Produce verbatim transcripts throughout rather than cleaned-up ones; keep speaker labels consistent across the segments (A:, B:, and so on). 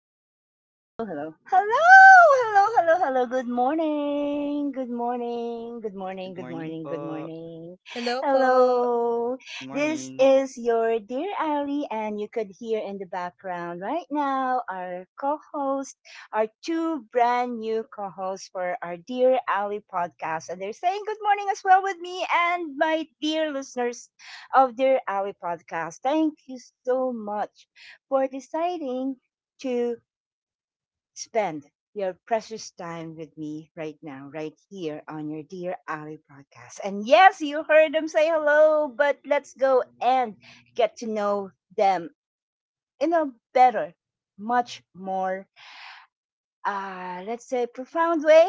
A: hello, hello, hello, hello, hello, hello, hello. Good morning, good morning, good morning,
B: Good
A: good
B: morning
A: morning, good
B: po.
A: morning.
C: Hello po.
A: Hello,
B: Good
A: this
B: morning.
A: is your dear Ali, and you could hear in the background right now our co-host, our two brand new co-hosts for our dear Ali podcast, and they're saying good morning as well with me and my dear listeners of Dear Ali podcast. Thank you so much for deciding to spend your precious time with me right now, right here on your Dear Ali podcast. And yes, you heard them say hello, but let's go and get to know them in a better, much more uh, let's say, profound way,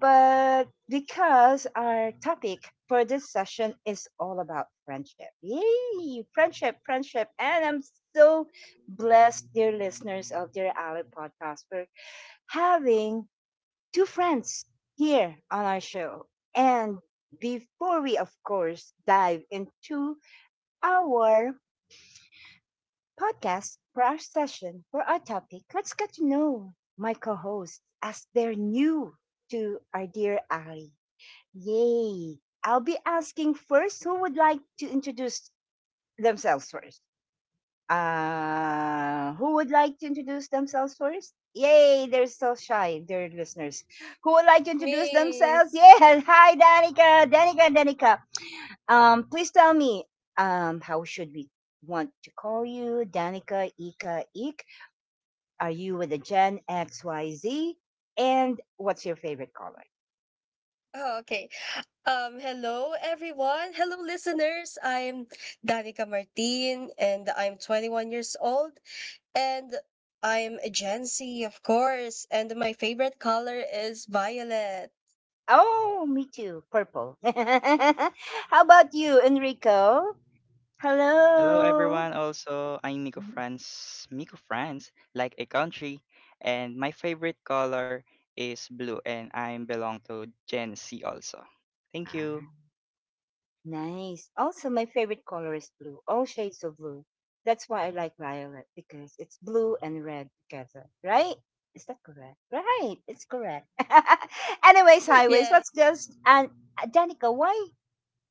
A: but because our topic for this session is all about friendship. Yay! Friendship, friendship. And I'm so blessed, dear listeners of Dear Ally podcast, for having two friends here on our show. And before we, of course, dive into our podcast for our session for our topic. Let's get to know my co hosts as they're new to our dear Ali. Yay! I'll be asking first, who would like to introduce themselves first? Uh, who would like to introduce themselves first? Yay, they're so shy, dear listeners. Who would like to introduce
C: Me.
A: themselves? Yeah, hi, Danica, Danica, Danica. Um, please tell me, um, how should we want to call you? Danica, Ika, Ik, are you with the Gen X, Y, Z? And what's your favorite color?
C: Oh, okay. Um, hello everyone. Hello listeners. I'm Danica Martin and I'm twenty-one years old and I'm a Gen Z, of course, and my favorite color is violet.
A: Oh, me too. Purple. How about you, Enrico?
B: Hello everyone
A: Hello.
B: also. I'm Miko
A: Mhm.
B: France. Miko France, like a country. And my favorite color is blue, and I belong to Gen Z, also. Thank you.
A: Ah, nice. Also, my favorite color is blue. All shades of blue. That's why I like violet because it's blue and red together, right? Is that correct? Right, it's correct. Anyways, highways.
C: Yeah.
A: Let's just and uh, Danica, why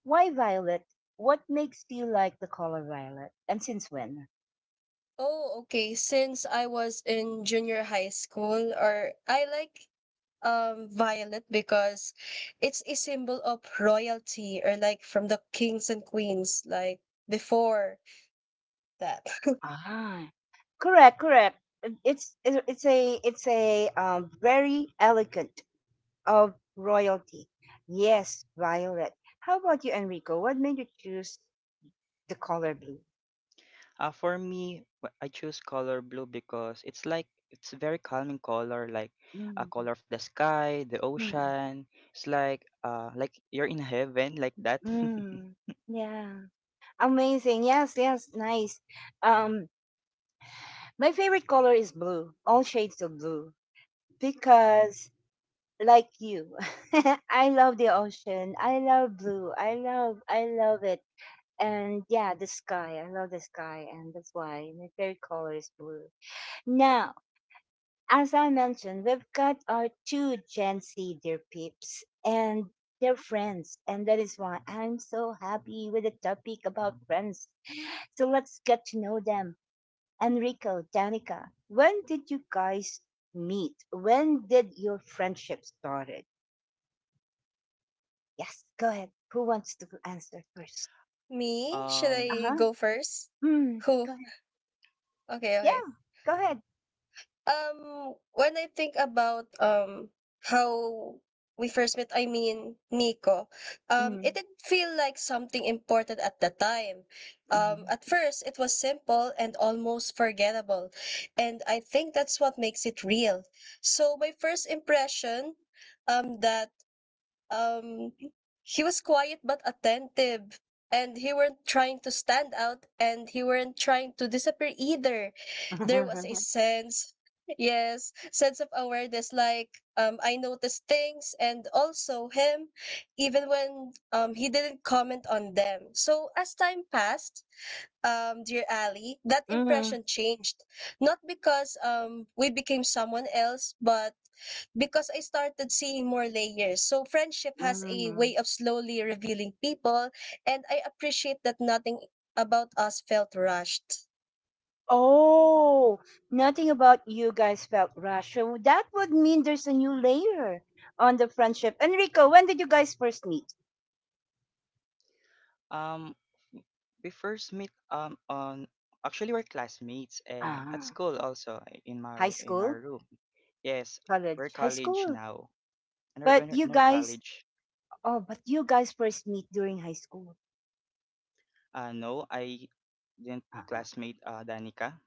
A: why violet? What makes you like the color violet? And since when?
C: Oh, okay. Since I was in junior high school or I like um violet because it's a symbol of royalty or like from the kings and queens like before that.
A: Ah, correct, correct. It's it's a it's a um, very elegant of royalty. Yes, violet. How about you, Enrico? What made you choose the color blue?
B: Uh, for me, wh- I choose color blue because it's like it's a very calming color, like a
A: Mm,
B: color of the sky, the
A: mm,
B: ocean. It's like uh like you're in heaven like that.
A: mm. Yeah. Amazing. Yes, yes, nice. Um, my favorite color is blue, all shades of blue. Mm. Because like you. I love the ocean. I love blue. I love I love it. And yeah, the sky. I love the sky, and that's why my favorite color is blue. Now, as I mentioned, we've got our two Gen Z dear peeps and their friends, and that is why I'm so happy with the topic about friends. So let's get to know them. Enrico, Danica, when did you guys meet? When did your friendship start? Yes, go ahead. Who wants to answer first?
C: Me? Should
B: um
A: Uh
C: I
A: huh.
C: go first?
A: Mm,
C: Who?
A: go ahead.
C: Okay, okay.
A: Yeah, go ahead.
C: Um, when I think about um how we first met, I mean Nico, um, it
A: Mm,
C: did feel like something important at the time. Um,
A: mm,
C: at first, it was simple and almost forgettable, and I think that's what makes it real. So my first impression, um, that Um, he was quiet but attentive, and he weren't trying to stand out, and he weren't trying to disappear either. There was a sense, yes, sense of awareness. Like um, I noticed things, and also him, even when um he didn't comment on them. So as time passed, um, dear Ali, that
A: mm,
C: impression changed. Not because um we became someone else, but because I started seeing more layers. So friendship has a
A: mm.
C: way of slowly revealing people, and I appreciate that nothing about us felt rushed.
A: Oh, nothing about you guys felt rushed. So that would mean there's a new layer on the friendship. Enrico, when did you guys first meet?
B: Um, we first meet um on actually we're classmates and at
A: Ah,
B: school also, eh, in
A: high
B: my in
A: school,
B: our room. Yes, we're
A: college, high
B: college
A: school.
B: now. And we're,
A: But
B: we're
A: you
B: in our
A: guys,
B: college.
A: oh, but you guys first meet during high school.
B: Uh, no, I didn't classmate uh, Danica.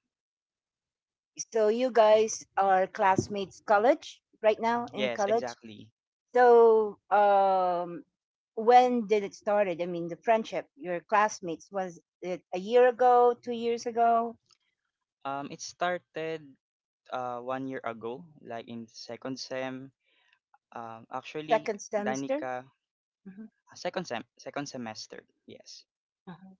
A: So you guys are classmates college right now in
B: Yes,
A: college.
B: exactly.
A: So um when did it started? I mean the friendship, your classmates, was it a year ago, two years ago,
B: Um, it started uh, one year ago, like in second sem. Um, actually,
A: second semester?
B: Danica, uh,
A: Mhm,
B: second sem, second semester. Yes.
A: mhm.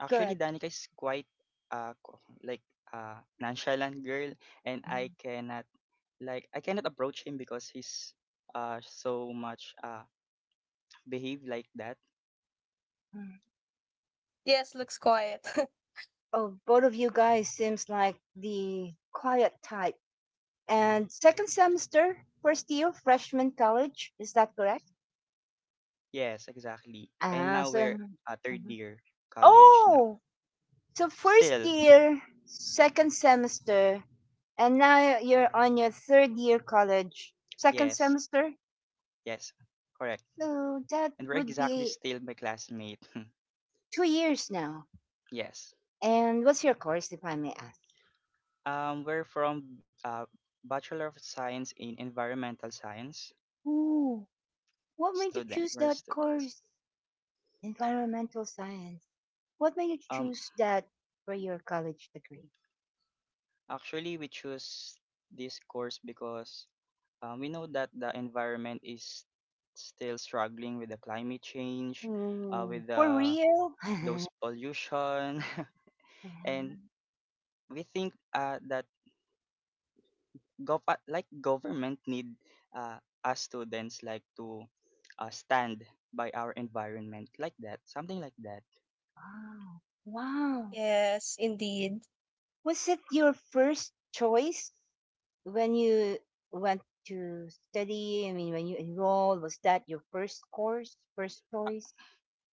B: Actually,
A: Good.
B: Danica is quite uh co- like uh nonchalant girl, and I
A: Mhm,
B: cannot like I cannot approach him because he's uh so much uh behave like that.
A: mhm.
C: Yes, looks quiet.
A: Oh, both of you guys seems like the quiet type. And second semester, first year freshman college, is that correct?
B: Yes, exactly. And
A: Ah,
B: now
A: so
B: we're uh, third
A: mhm.
B: year college now.
A: Oh, so first
B: Still,
A: year, second semester, and now you're on your third year college, second
B: yes,
A: semester.
B: yes, correct.
A: So that
B: And we're
A: would
B: exactly
A: be
B: still my classmate.
A: two years now.
B: Yes.
A: And what's your course, if I may ask?
B: Um, we're from uh Bachelor of Science in Environmental Science
A: Ooh, what made you
B: student.
A: choose
B: We're
A: that
B: students.
A: course? Environmental science. What made you
B: Um,
A: choose that for your college degree?
B: Actually, we choose this course because um, we know that the environment is still struggling with the climate change, uh,
A: Hmm,
B: with
A: for
B: the
A: real?
B: those pollution, and
A: Yeah.
B: we think uh, that gov- uh, like government need uh, us students like to uh, stand by our environment like that, something like that.
A: Wow. Wow.
C: Yes, indeed.
A: Was it your first choice when you went to study? I mean, when you enrolled, was that your first course, first choice?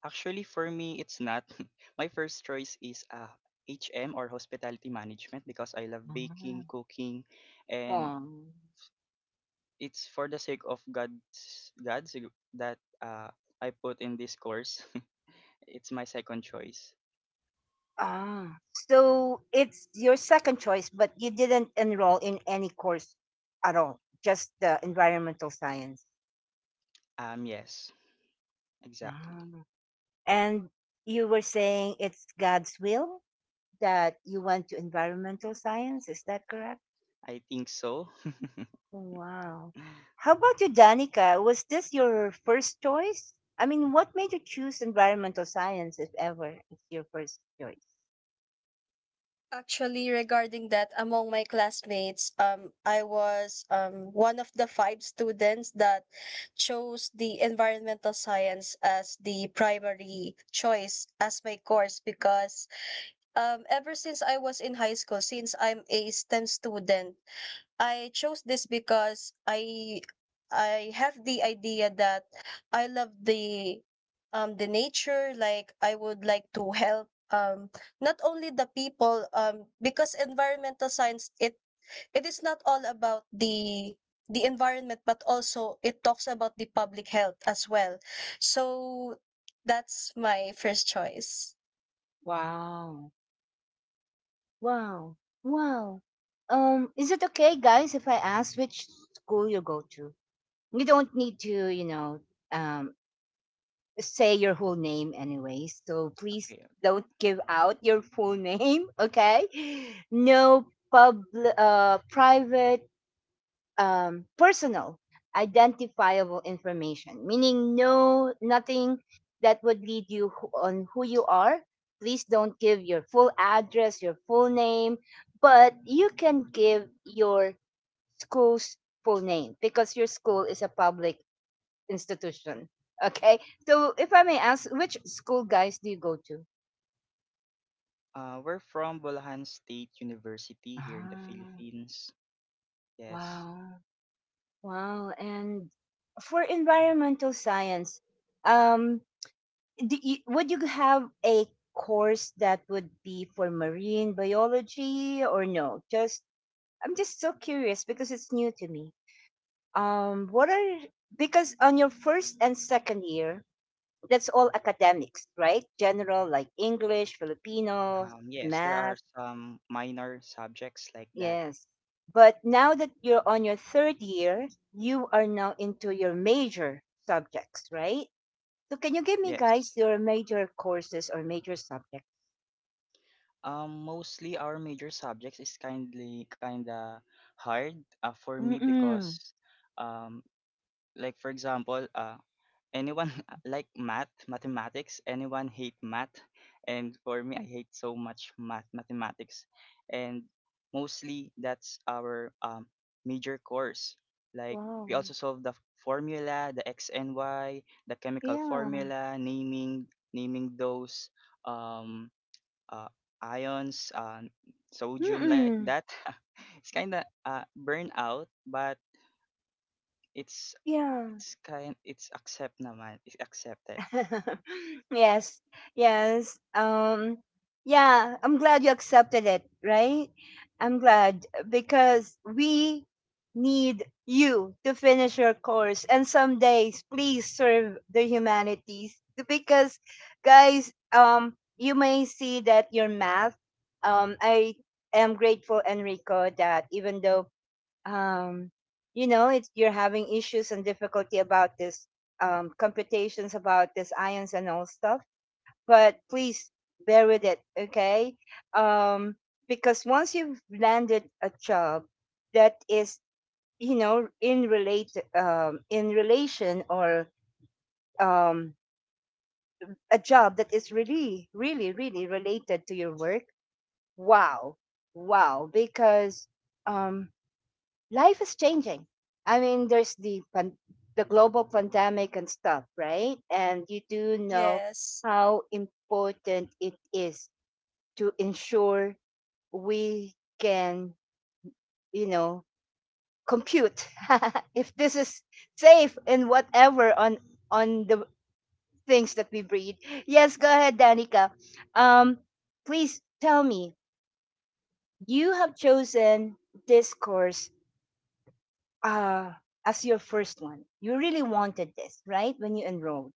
B: Actually, for me, it's not. My first choice is uh, H M, or hospitality management, because I love
A: Mhm.
B: baking, cooking, and
A: Um,
B: it's for the sake of God's God's that uh, I put in this course. it's my second choice.
A: ah, so it's your second choice, but you didn't enroll in any course at all, just the environmental science.
B: Um, yes, exactly.
A: Ah. And you were saying it's God's will that you went to environmental science. Is that correct?
B: I think so.
A: Oh, wow. How about you, Danica? Was this your first choice? I mean, what made you choose environmental science, if ever it's your first choice?
C: Actually, regarding that, among my classmates, um, I was um one of the five students that chose the environmental science as the primary choice as my course because um ever since I was in high school, since I'm a STEM student, I chose this because I I have the idea that I love the um the nature, like I would like to help um not only the people, um because environmental science, it it is not all about the the environment, but also it talks about the public health as well. So that's my first choice.
A: Wow. Wow. Wow. Um, is it okay, guys, if I ask which school you go to? You don't need to, you know, um, say your whole name anyway. So please
B: Okay.
A: don't give out your full name, okay? No pub, uh, private um, personal identifiable information, meaning no nothing that would lead you who- on who you are. Please don't give your full address, your full name, but you can give your school's full name, because your school is a public institution. Okay, so if I may ask, which school, guys, do you go to?
B: Uh, we're from Bulacan State University here in the
A: Ah,
B: Philippines. Yes.
A: wow, wow. And for environmental science, um do you, would you have a course that would be for marine biology, or no? Just I'm just so curious because it's new to me. um what are, because on your first and second year, that's all academics, right? General, like English, Filipino,
B: Um, yes, there are
A: math.
B: some minor subjects like that.
A: Yes. But now that you're on your third year, you are now into your major subjects, right? So can you give me,
B: Yes.
A: guys, your major courses or major subjects?
B: Um, mostly our major subjects is kindly kinda hard uh, for me
A: Mm-mm.
B: because um, like for example, uh, anyone like math, mathematics, anyone hate math, and for me, I hate so much math, mathematics, and mostly that's our um, major course. Like
A: Wow.
B: we also solve the formula, the x and y, the chemical
A: Yeah.
B: formula, naming naming those. Um, uh, ions, uh, sodium like
A: Mm-mm.
B: that. It's kind of uh, burnout, but it's
A: Yeah.
B: it's kind it's accept naman. It's accepted.
A: Yes. Yes. Um yeah, I'm glad you accepted it, right? I'm glad uh, Because we need you to finish your course and some days please serve the humanities, because guys, um you may see that your math. Um I am grateful, Enrico, that even though um, you know, it's, you're having issues and difficulty about this um, computations about this ions and all stuff. But please bear with it, okay? Um, because once you've landed a job that is, you know, in relate um, in relation or um, a job that is really, really, really related to your work, wow, wow, because um, life is changing. I mean, there's the pan- the global pandemic and stuff, right? And you do know
C: Yes.
A: how important it is to ensure we can, you know, compute if this is safe and whatever on on the things that we breed. Yes, go ahead, Danica. Um, please tell me, you have chosen this course uh, as your first one. You really wanted this, right? When you enrolled,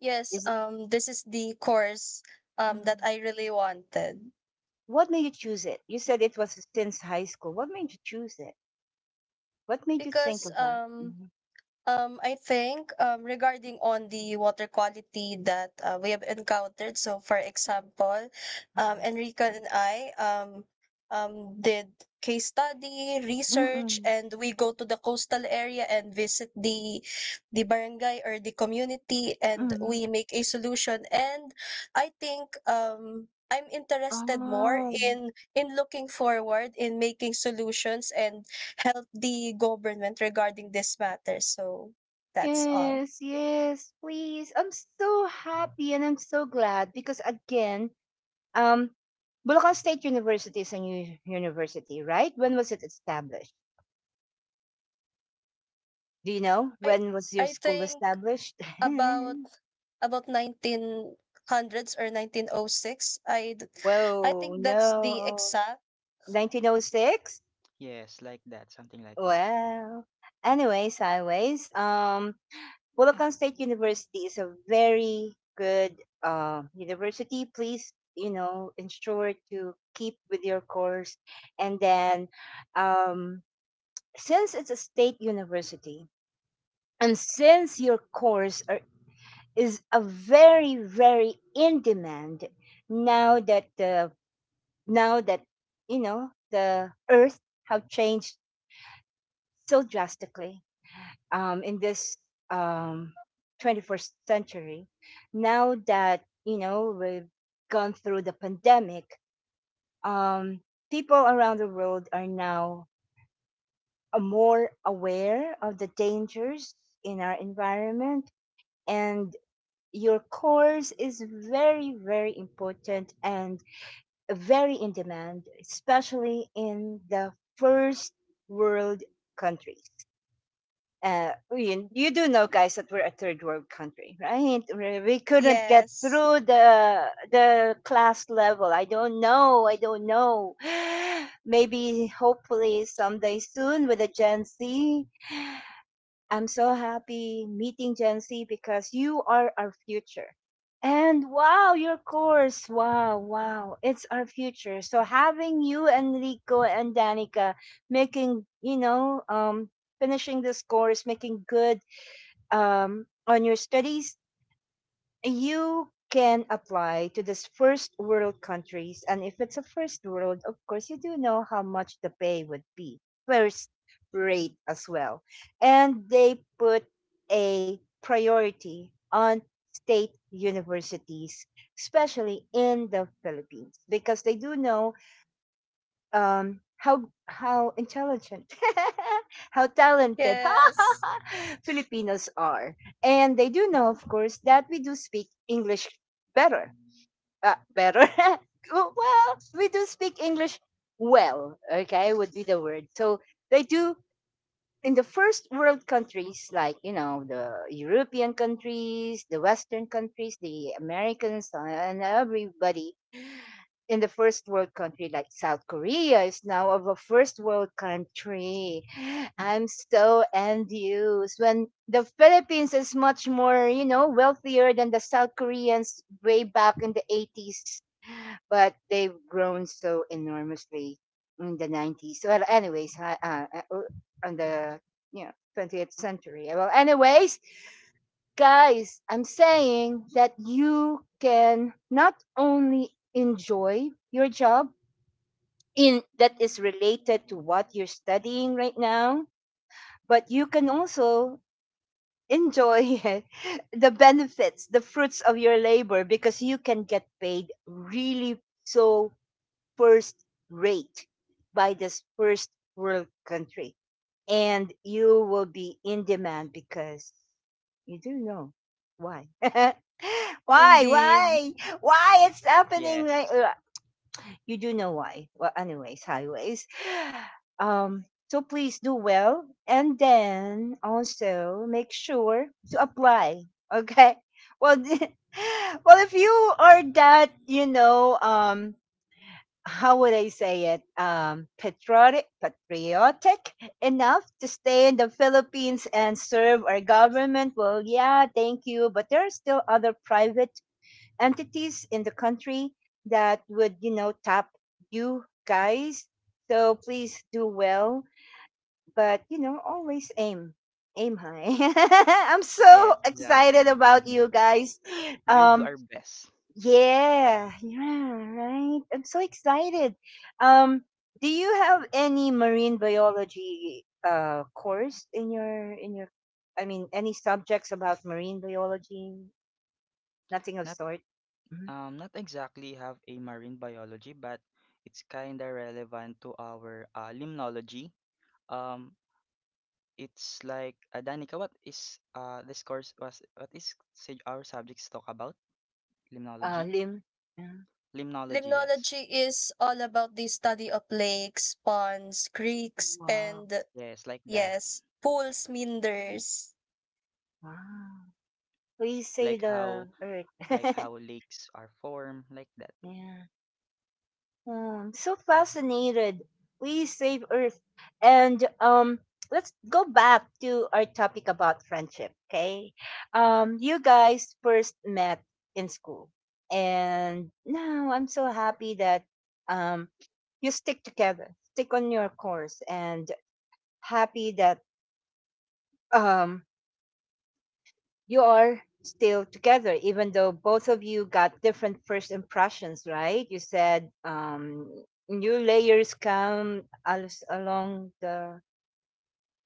C: Yes,
A: is
C: um this is the course um that
A: mm.
C: I really wanted.
A: What made you choose it? You said it was since high school. What made you choose it? What made you think
C: Because
A: about?
C: um
A: Mm,
C: um I think, um regarding on the water quality that uh, we have encountered. So for example, um Enrica and I um um did case study,
A: mm,
C: research,
A: mm,
C: and we go to the coastal area and visit the the barangay or the community, and
A: mm.
C: we make a solution. And I think um I'm interested more
A: Oh,
C: in in looking forward in making solutions and help the government regarding this matter. So that's all.
A: yes, yes, please. I'm so happy and I'm so glad, because again, um, Bulacan State University is a new university, right? When was it established? Do you know
C: I
A: when was your
C: I
A: school
C: think
A: established?
C: about about nineteen hundreds or nineteen oh six. I d- I
A: Whoa,
C: think that's the
A: no.
C: exact.
A: nineteen oh six?
B: Yes, like that, something like that.
A: Well, anyways, anyways, um, Bulacan State University is a very good uh, university. Please, you know, ensure to keep with your course. And then, um, since it's a state university, and since your course are, is a very, very in demand, now that the now that you know the earth have changed so drastically um, in this um, twenty-first century. Now that you know we've gone through the pandemic, um, people around the world are now uh, more aware of the dangers in our environment, and your course is very, very important and very in demand, especially in the first world countries. Uh, you, you do know, guys, that we're a third world country, right? We we couldn't get
C: Yes.
A: through the the class level. I don't know. I don't know. Maybe, hopefully, someday soon with the Gen Z. I'm so happy meeting Gen Z because you are our future. And wow, your course. Wow, wow. It's our future. So having you, Enrico and Danica, making, you know, um, finishing this course, making good um, on your studies, you can apply to this first world countries, and if it's a first world, of course you do know how much the pay would be, first rate as well, and they put a priority on state universities, especially in the Philippines, because they do know um how how intelligent, how talented
C: Yes,
A: Filipinos are, and they do know, of course, that we do speak English better, uh, better well, we do speak English well, okay, would be the word. So they do, in the first world countries like, you know, the European countries, the western countries, the Americans, uh, and everybody in the first world country, like South Korea is now of a first world country. I'm so envious when the Philippines is much more, you know, wealthier than the South Koreans way back in the eighties, but they've grown so enormously in the nineties. Well, anyways, uh, uh, uh, on the you know twentieth century. Well, anyways, guys, I'm saying that you can not only enjoy your job, in that is related to what you're studying right now, but you can also enjoy the benefits, the fruits of your labor, because you can get paid really so first rate by this first world country, and you will be in demand because you do know why. why
C: indeed.
A: why why it's happening, right?
B: Yes,
A: You do know why. Well, anyways, highways. Um, so please do well, and then also make sure to apply. Okay. Well, well, if you are that, you know, um, how would I say it? Um, patriotic, patriotic enough to stay in the Philippines and serve our government. Well, yeah, thank you. But there are still other private entities in the country that would, you know, tap you guys. So please do well, but you know, always aim, aim high. I'm
B: yes,
A: so excited
B: exactly.
A: about you guys.
B: We'll do
A: Um,
B: our best.
A: yeah, yeah, right. I'm so excited. Um, do you have any marine biology uh course in your in your? I mean, any subjects about marine biology? Nothing of
B: Not
A: sort.
B: um not exactly have a marine biology, but it's kinda relevant to our uh, limnology. Um, it's like uh, Danica, what is uh this course was what is say our subjects talk about?
A: Uh,
B: Limnology?
A: lim. Yeah.
B: Limnology, yes.
C: Limnology is all about the study of lakes, ponds, creeks,
A: Wow.
C: and
B: Yes, like that.
C: yes, pools, meanders.
A: Wow. We
B: Like
A: say
B: how
A: the earth.
B: like how lakes are formed, like that.
A: yeah. Hmm, so fascinated. We save earth. And um let's go back to our topic about friendship, okay? Um you guys first met in school. And now I'm so happy that um you stick together, stick on your course, and happy that um you are still together, even though both of you got different first impressions, right? You said um new layers come as along the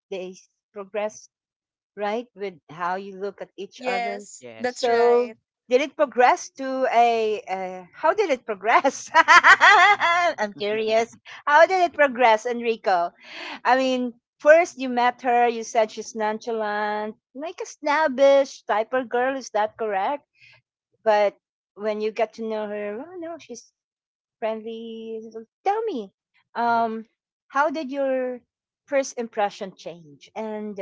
A: days progress, right, with how you look at each other.
C: Yes, that's
B: Yes,
A: So
B: yes.
C: right.
A: did it progress to a, uh, how did it progress? I'm curious. How did it progress, Enrico? I mean, first you met her, you said she's nonchalant, like a snobbish type of girl, is that correct? But when you get to know her, oh no, she's friendly. So tell me, um, how did your first impression change, and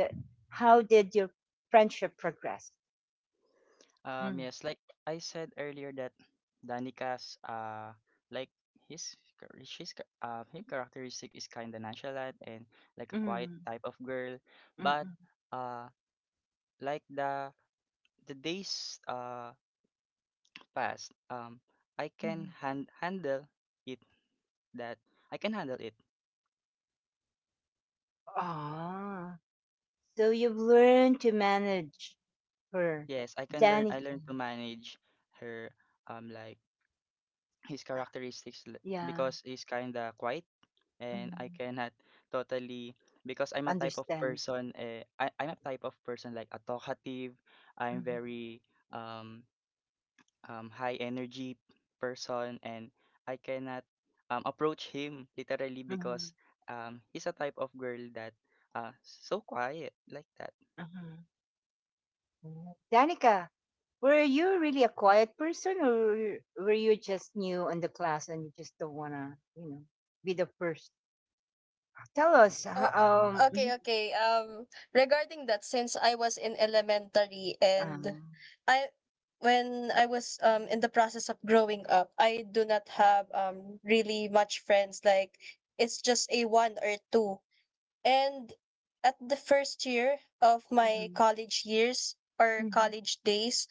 A: how did your friendship progress?
B: Um,
A: Mm,
B: yes, like I said earlier, that Danica's uh like his char- she's char- uh, him characteristic is kind of nonchalant, and like a quiet
A: mm,
B: type of girl,
A: mm,
B: but
A: mm.
B: uh like the the days uh passed, um I can
A: Mhm.
B: hand handle it, that I can handle it.
A: Ah, so you've learned to manage her,
B: Yes, I can learn. I
A: Danica.
B: learned to manage her, um, like his characteristics, l-
A: Yeah,
B: because he's kinda quiet, and I
A: mhm.
B: cannot totally because I'm a type of
A: Understand.
B: person. Uh, I I'm a type of person like a talkative. I'm
A: Mhm,
B: very um um high energy person, and I cannot um approach him literally
A: mhm,
B: because um he's a type of girl that uh so quiet like that.
A: mhm, mhm Danica, were you really a quiet person, or were you just new in the class and you just don't wanna, you know, be the first? Tell us.
C: Oh,
A: ho- Um. mhm,
C: okay, okay. Um, regarding that, since I was in elementary and
A: um,
C: I, when I was um in the process of growing up, I do not have um really much friends. Like it's just a one or two. And at the first year of my
A: mhm,
C: college years or
A: mhm,
C: college days,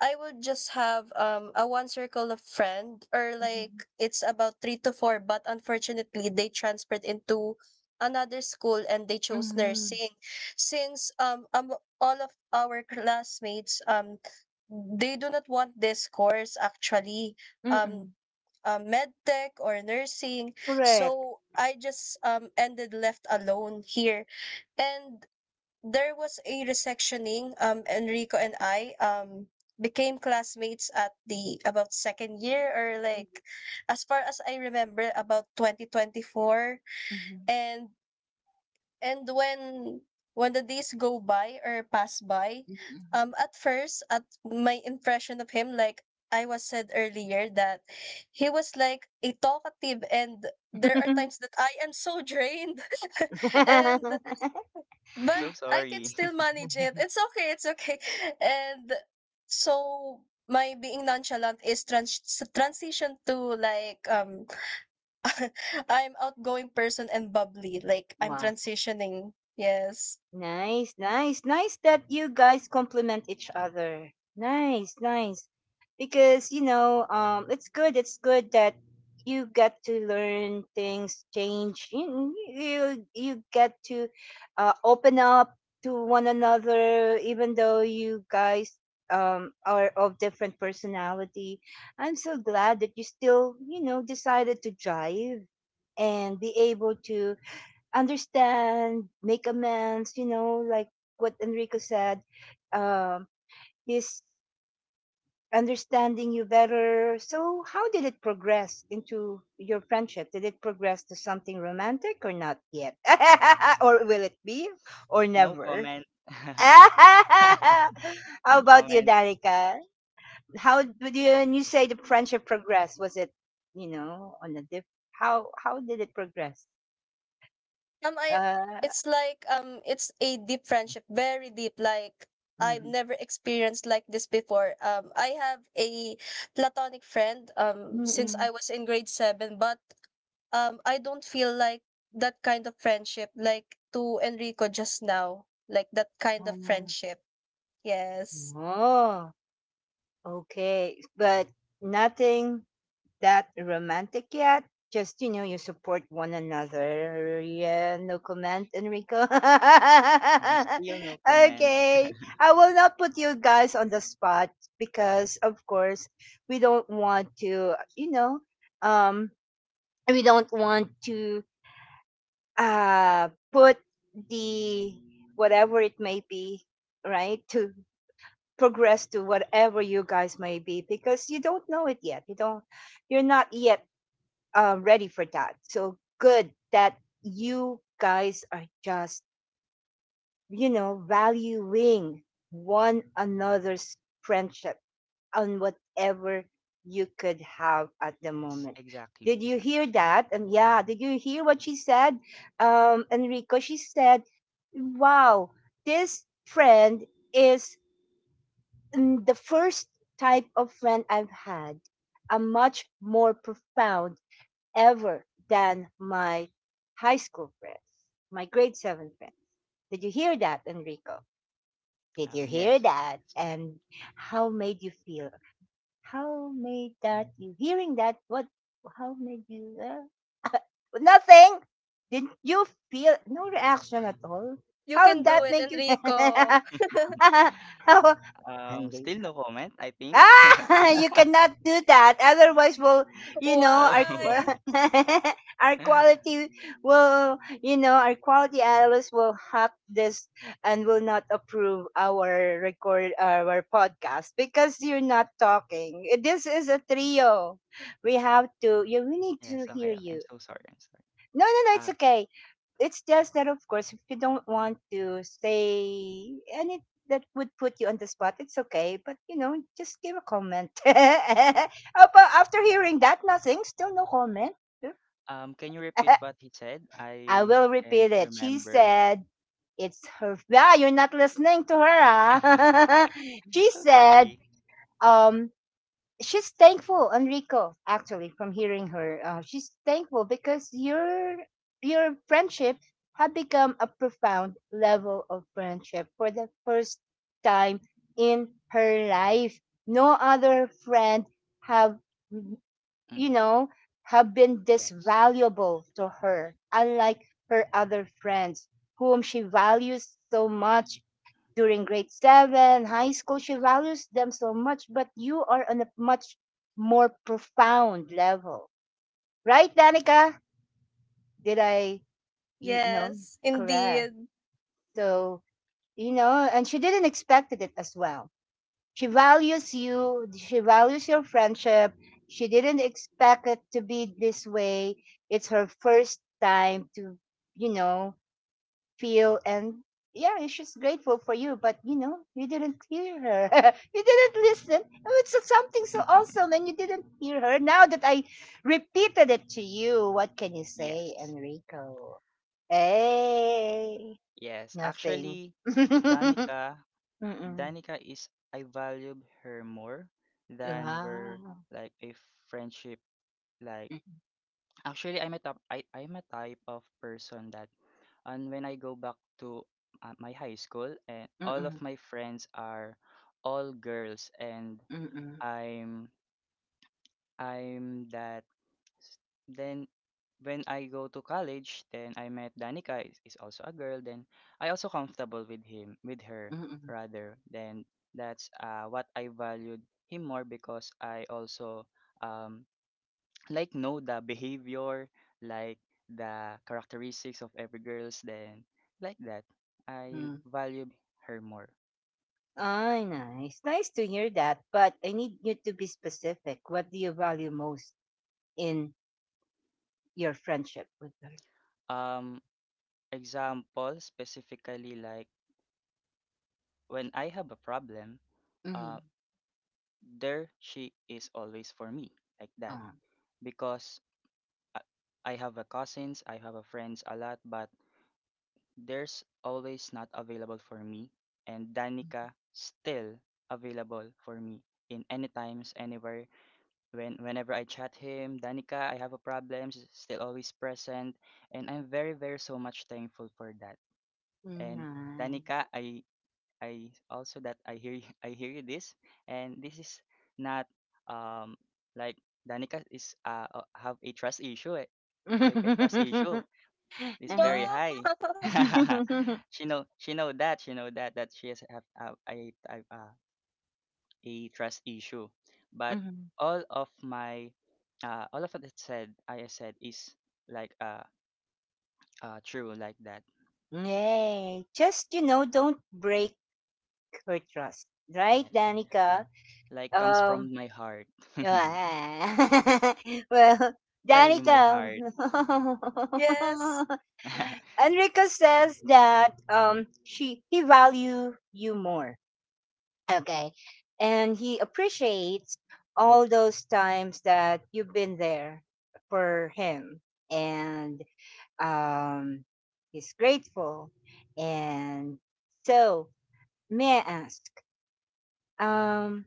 C: I would just have um a one circle of friend, or like it's about three to four, but unfortunately they transferred into another school and they chose
A: mhm,
C: nursing. Since um, um all of our classmates, um they do not want this course actually,
A: mhm,
C: um
A: mhm.
C: uh, med tech or nursing,
A: Correct.
C: so i just um ended left alone here, and there was a resectioning. Um, Enrico and I um became classmates at the about second year, or like as far as I remember, about twenty twenty-four.
A: Mhm,
C: And and when when the days go by or pass by,
A: mhm,
C: um at first, at my impression of him, like I was said earlier, that he was like a talkative, and there are
A: mhm.
C: times that I am so drained and but
B: So
C: I can
B: sorry.
C: still manage it. It's okay, it's okay. And so my being nonchalant is trans- transition to, like, um I'm outgoing person and bubbly. Like I'm
A: Wow.
C: transitioning. Yes.
A: Nice, nice, nice that you guys complement each other. Nice, nice. Because, you know, um it's good, it's good that you get to learn things, change. You you, you get to uh, open up to one another, even though you guys um are of different personality. I'm so glad that you still, you know, decided to drive and be able to understand, make amends, you know, like what Enrico said. Um, he's understanding you better. So, how did it progress into your friendship? Did it progress to something romantic or not yet? Or will it be, or
B: No
A: never?
B: comment.
A: How
B: no
A: about you,
B: comment.
A: Darika? How did you, when you say the friendship progressed? Was it, you know, on a diff? How how did it progress?
C: Um, I
A: Uh,
C: It's like, um it's a deep friendship, very deep. Like I've never experienced like this before. Um, I have a platonic friend um since
A: mm-hmm.
C: I was in grade seven, but um I don't feel like that kind of friendship, like to Enrico just now. Like that kind of friendship. Yes.
A: Oh, okay. But nothing that romantic yet. Just, you know, you support one another. Yeah, no comment, Enrico.
B: Uh, still no comment.
A: Okay. I will not put you guys on the spot because, of course, we don't want to, you know, um, we don't want to uh, put the whatever it may be, right, to progress to whatever you guys may be, because you don't know it yet, you don't, you're not yet uh, ready for that. So good that you guys are just, you know, valuing one another's friendship on whatever you could have at the
B: Yes,
A: moment.
B: exactly,
A: Did you hear
B: exactly.
A: that? And yeah, did you hear what she said, um Enrico? She said, wow, this friend is, mm, the first type of friend I've had, a much more profound ever than my high school friends, my grade seven friends. Did you hear that, Enrico? Did you
B: Um,
A: hear
B: yes, I
A: that?
B: guess.
A: And how made you feel? How made that you hearing that? What? How made you? Uh, nothing. Did you feel no reaction at all?
C: You
A: How
C: can do
A: that
C: it,
A: make you?
C: Enrico.
A: How.
B: Um, still no comment, I think.
A: Ah, you cannot do that. Otherwise, will, you know, our qu-
C: Why?
B: Oh.
A: our quality will, you know, our quality analyst will hack this and will not approve our record, our podcast, because you're not talking. Eh, this is a trio. We have to. You, we need
B: Yes,
A: to
B: okay,
A: hear
B: okay. I'm
A: you.
B: so sorry. I'm sorry.
A: No, no, no. It's
B: Uh,
A: okay. It's just that, of course, if you don't want to say any that would put you on the spot, it's okay. But you know, just give a comment. Apa- After hearing that, nothing. Still no comment.
B: um, can you repeat what he said?
A: I
B: I
A: will repeat
B: can't
A: it. She
B: remember.
A: said, "It's her." Yeah, you're not listening to her. Huh? She
B: So
A: said,
B: sorry.
A: um, she's thankful, Enrico, actually from hearing her, uh, she's thankful because your your friendship had become a profound level of friendship for the first time in her life. No other friend have,
B: Mm,
A: you know, have been this
B: yes.
A: valuable to her, unlike her other friends whom she values so much during grade seven, high school. She values them so much, but you are on a much more profound level. Right, Danica? Did I, you know,
C: Yes,
A: correct?
C: indeed.
A: So, you know, and she didn't expect it as well. She values you, she values your friendship. She didn't expect it to be this way. It's her first time to, you know, feel and yeah, and she's grateful for you, but you know, you didn't hear her. You didn't listen. Oh, it's so- something so awesome and you didn't hear her. Now that I repeated it to you, what can you
B: Yes.
A: say, Enrico? Hey,
B: Yes.
A: nothing.
B: Actually, Danica,
A: Mm-mm.
B: Danica is I valued her more than were
A: Wow.
B: like a friendship like.
A: Mm-mm.
B: Actually, I'm a top, I, I'm a type of person that, and when I go back to uh, my high school, and all of
A: Mm-mm.
B: my friends are all girls, and
A: Mm-mm.
B: I'm I'm that. Then when I go to college, then I met Danica is, is also a girl. Then I also comfortable with him, with her
A: Mm-mm.
B: rather. Then that's uh, what I valued him more, because I also um like know the behavior, like the characteristics of every girls, then like that, I
A: Mm.
B: value her more.
A: Ay, nice. Nice to hear that. But I need you to be specific. What do you value most in your friendship with her?
B: Um, example specifically, like when I have a problem,
A: Mm.
B: uh, there she is always for me like that,
A: Oh,
B: because I, I have a cousins, I have a friends a lot, but there's always not available for me, and Danica still available for me in any times, anywhere. When whenever I chat him, Danica, I have a problem, she's still always present, and I'm very very so much thankful for that. And
A: nice.
B: Danica, I I also that I hear you- I hear you this, and this is not um like Danica is uh uh, have a trust issue, eh, like a trust issue
A: Uh-huh.
B: is very
C: No.
B: high. she know she know that she know that that she has have uh, I I uh, a trust issue. But
A: Mhm.
B: all of my uh, all of what it said I said is like uh, uh true like that.
A: Yay. Just, you know, don't break her trust. Right,
B: Yes.
A: Danica?
B: Like comes
A: Um,
B: from my heart.
A: yeah. Well,
B: Literally my
A: Danica.
B: heart.
C: Yes.
A: Enrico says that um, she he value you more. Okay. And he appreciates all those times that you've been there for him. And um, he's grateful. And so, may I ask, um,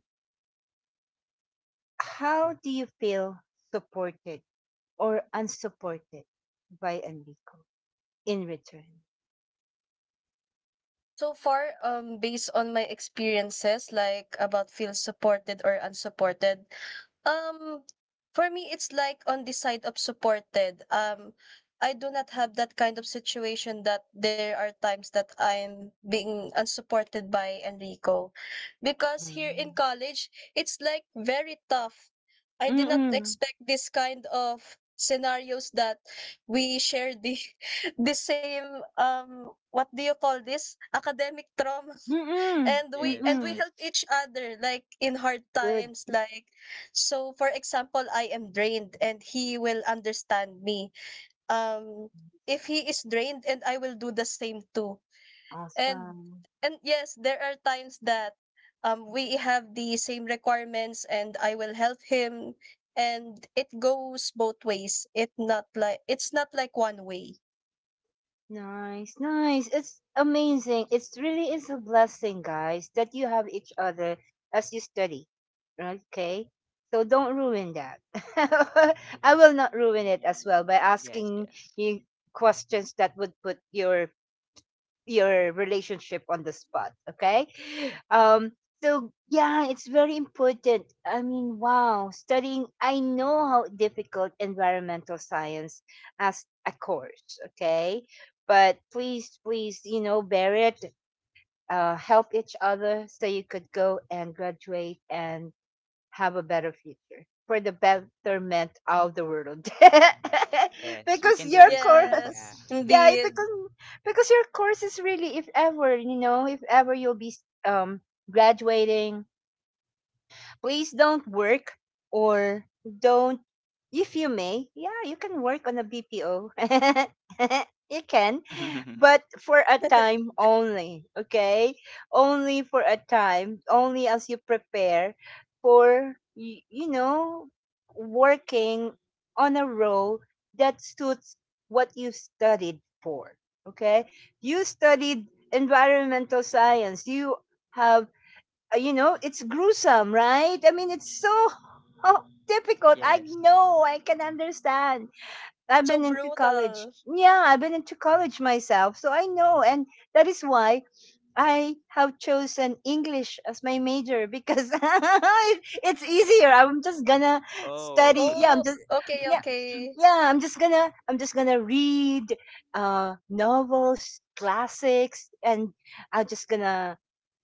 A: how do you feel supported or unsupported by Enrico in return?
C: So far, um, based on my experiences, like about feel supported or unsupported, um, for me, it's like on the side of supported. Um, I do not have that kind of situation that there are times that I'm being unsupported by Enrico. Because here
A: Mm.
C: in college, it's like very tough. I did not
A: Mm-mm.
C: expect this kind of scenarios that we share the the same, um what do you call this, academic trauma,
A: Mm-mm.
C: and we
B: Yes,
C: and we
A: Mm-mm.
B: yes.
C: help each other like in hard
A: Good.
C: times. Like, so for example, i am drained and he will understand me, um if he is drained and i will do the same too. and
A: Awesome.
C: and yes, there are times that um we have the same requirements and i will help him, and it goes both ways, it not like it's not like one way.
A: Nice, nice. It's amazing. It's really is a blessing, guys, that you have each other as you study. Okay? So don't ruin that. I will not ruin it as well by
B: Yes,
A: asking
B: yes.
A: you questions that would put your your relationship on the spot. Okay. um so yeah, it's very important. I mean, wow, studying, I know how difficult environmental science as a course. Okay, but please, please, you know, bear it, uh, help each other so you could go and graduate and have a better future for the betterment of the world.
B: Yes, we
A: Because
B: can do
A: your
B: this,
A: course,
B: Danica.
C: Yes,
A: yeah, it-
C: indeed.
A: because because your course is really, if ever, you know, if ever you'll be um graduating, please don't work, or don't, if you may, yeah, you can work on a BPO. You can, but for a time only, okay, only for a time only, as you prepare for y- you know, working on a role that suits what you studied for. Okay, you studied environmental science. You have, uh, you know, it's gruesome, right? I mean, it's so oh, difficult. I
B: Yes.
A: know, I can understand. I've
C: So
A: been into college.
C: brutal.
A: Yeah, I've been into college myself, so I know. And that is why I have chosen English as my major, because it- it's easier. I'm just gonna
B: Oh.
A: study. Yeah,
C: Oh,
A: I'm just,
C: okay,
A: yeah,
C: okay.
A: yeah, I'm just gonna I'm just gonna read uh novels, classics, and I'm just gonna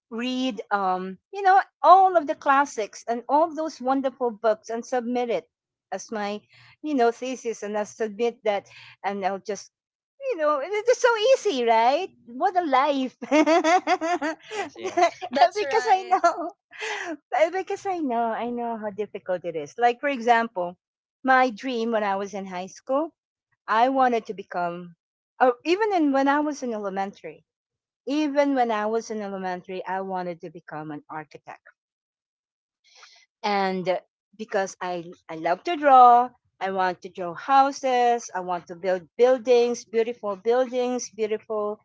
A: read, um you know, all of the classics and all those wonderful books and submit it as my, you know, thesis, and I'll submit that, and I'll just, you know, it- it's so easy, right? What a life.
B: Yes, yes.
C: That's
A: Because I
C: right.
A: know because I know, I know how difficult it is. Like, for example, my dream when I was in high school, I wanted to become, or even in when I was in elementary, even when I was in elementary, I wanted to become an architect. And uh, because I, I love to draw, I want to draw houses, I want to build buildings, beautiful buildings, beautiful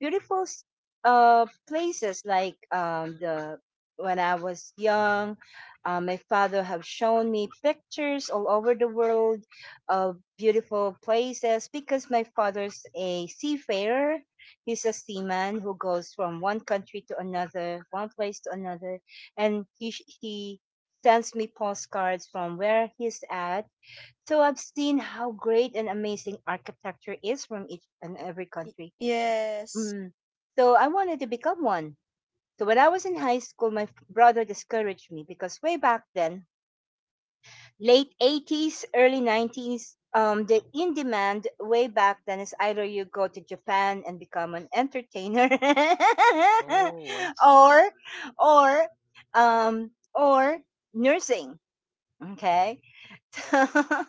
A: beautiful s- uh places like um the when I was young, uh, my father have shown me pictures all over the world of beautiful places, because my father's a seafarer. He's a seaman who goes from one country to another, one place to another, and he sh- he sends me postcards from where he's at. So I've seen how great and amazing architecture is from each and every
C: Y-
A: country.
C: yes.
A: Mm. So I wanted to become one. So when I was in high school, my f- brother discouraged me because way back then, late eighties, early nineties, um, the in demand way back then is either you go to Japan and become an entertainer,
B: Oh, I see.
A: or, or, um, or nursing. Okay.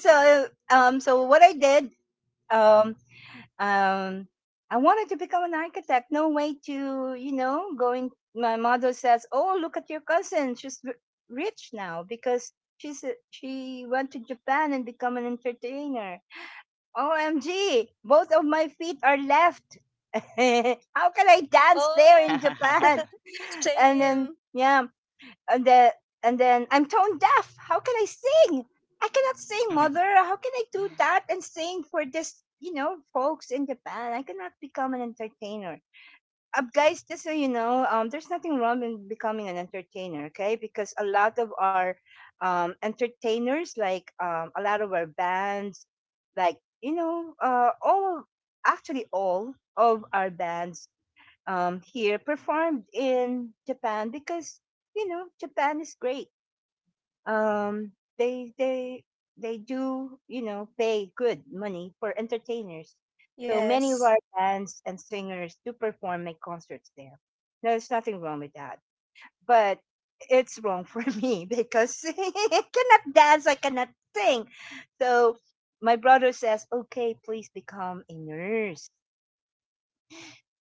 A: So, um, so what I did, um, um I wanted to become an architect. No way to, you know, going. My mother says, "Oh, look at your cousin. She's r- rich now because she's a- she went to Japan and become an entertainer." O M G! Both of my feet are left. How can I dance there in
C: Oh,
A: Japan? And then,
C: same.
A: yeah, and then and then I'm tone deaf. How can I sing? I cannot sing, mother. How can I do that and sing for this, you know, folks in Japan? I cannot become an entertainer. Uh, guys, just so you know, um, there's nothing wrong in becoming an entertainer, okay? Because a lot of our um, entertainers, like um, a lot of our bands, like you know, uh, all actually all of our bands um, here performed in Japan because you know Japan is great. Um, they they they do you know pay good money for entertainers. So many of
C: Yes.
A: our bands and singers do perform make concerts there. No, there's nothing wrong with that, but it's wrong for me because I cannot dance, I cannot sing. So my brother says, "Okay, please become a nurse."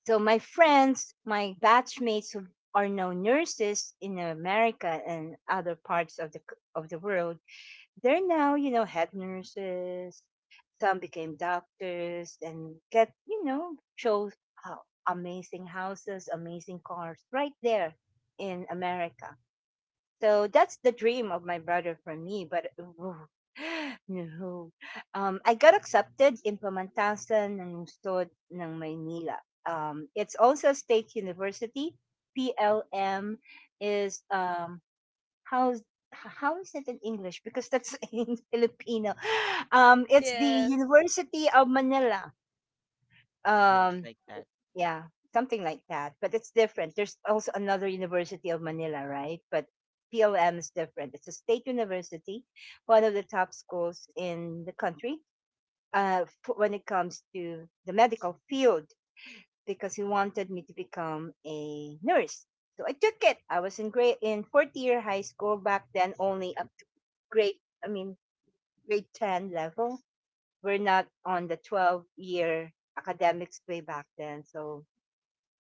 A: So my friends, my batchmates who are now nurses in America and other parts of the c- of the world, they're now you know head nurses. Some became doctors and get you know chose how amazing houses, amazing cars right there in America. So that's the dream of my brother for me. But ooh, no, um, I got accepted in Pamantasan ng Lungsod ng Maynila. Um, it's also state university. P L M is um, how how is it in English? Because that's in Filipino. Um, it's the
C: Yeah.
A: University of Manila.
B: Yes,
A: Um,
B: like that.
A: yeah, something like that. But it's different. There's also another University of Manila, right? But P L M is different. It's a state university, one of the top schools in the country uh, f- when it comes to the medical field, because he wanted me to become a nurse. So I took it. I was in grade in fourth year high school back then, only up to grade. I mean grade ten level. We're not on the twelve year academics way back then. So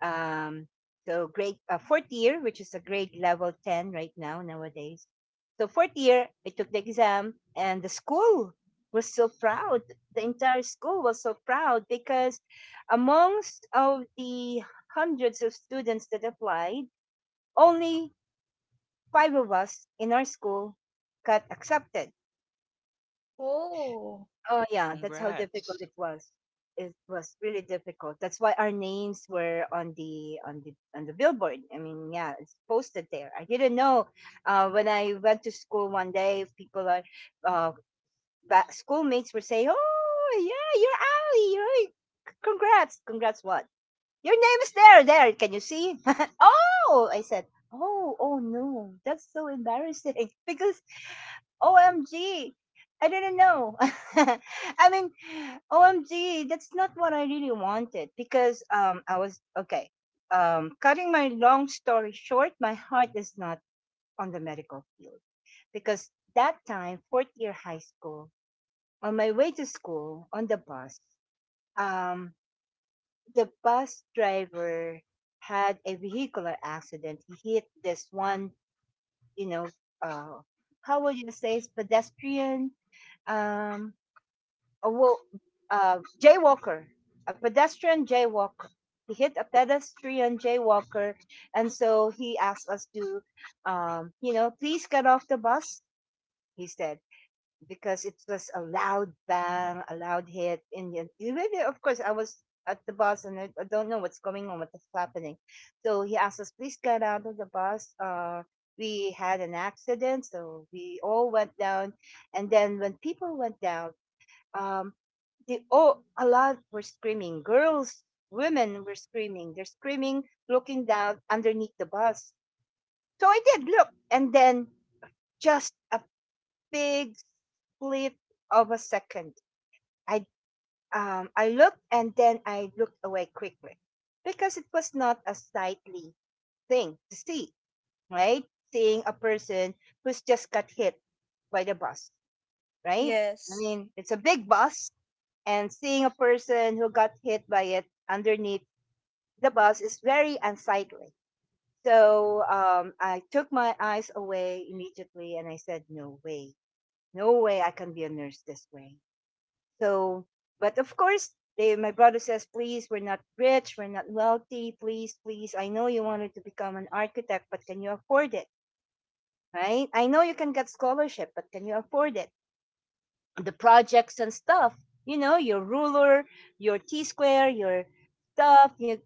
A: um, so grade uh, fourth year, which is a grade level ten right now nowadays. So fourth year, I took the exam, and the school was so proud. The entire school was so proud because amongst of the hundreds of students that applied, only five of us in our school got accepted.
C: Oh,
A: Oh
B: Oh,
A: yeah, that's how difficult
B: congrats.
A: it was. It was really difficult. That's why our names were on the on the on the billboard. I mean, yeah, it's posted there. I didn't know. Uh, when I went to school one day, people are uh, ba- schoolmates were saying, "Oh, yeah, you're Ali. You're c- congrats, congrats. What? Your name is there. There. Can you see?" Oh, I said. Oh, oh no, that's so embarrassing because O M G. I didn't know. I mean, O M G, that's not what I really wanted because um I was okay. Um cutting my long story short, my heart is not on the medical field because that time, fourth year high school, on my way to school on the bus, um the bus driver had a vehicular accident. He hit this one, you know, uh how would you say, it's pedestrian, um a wo- uh, jaywalker, a pedestrian jaywalker. He hit a pedestrian jaywalker, and so he asked us to, um, you know, please get off the bus. He said because it was a loud bang, a loud hit, and yet- really, of course, I was at the bus and I, I don't know what's going on, what's happening. So he asked us, please get out of the bus. Uh, we had an accident, so we all went down, and then when people went down, um the oh a lot were screaming. Girls, women were screaming, they're screaming, looking down underneath the bus. So I did look, and then, just a big split of a second, i um I looked and then I looked away quickly because it was not a sightly thing to see, right? Seeing a person who's just got hit by the bus, right? I
C: yes.
A: mean, it's a big bus, and seeing a person who got hit by it underneath the bus is very unsightly. So um, I took my eyes away immediately and I said, "No way, no way I can be a nurse this way." So, but of course, they, my brother says, "Please, we're not rich, we're not wealthy, please, please. I know you wanted to become an architect, but can you afford it? Right? I know you can get scholarship, but can you afford it? The projects and stuff. You know, your ruler, your T square, your stuff, you,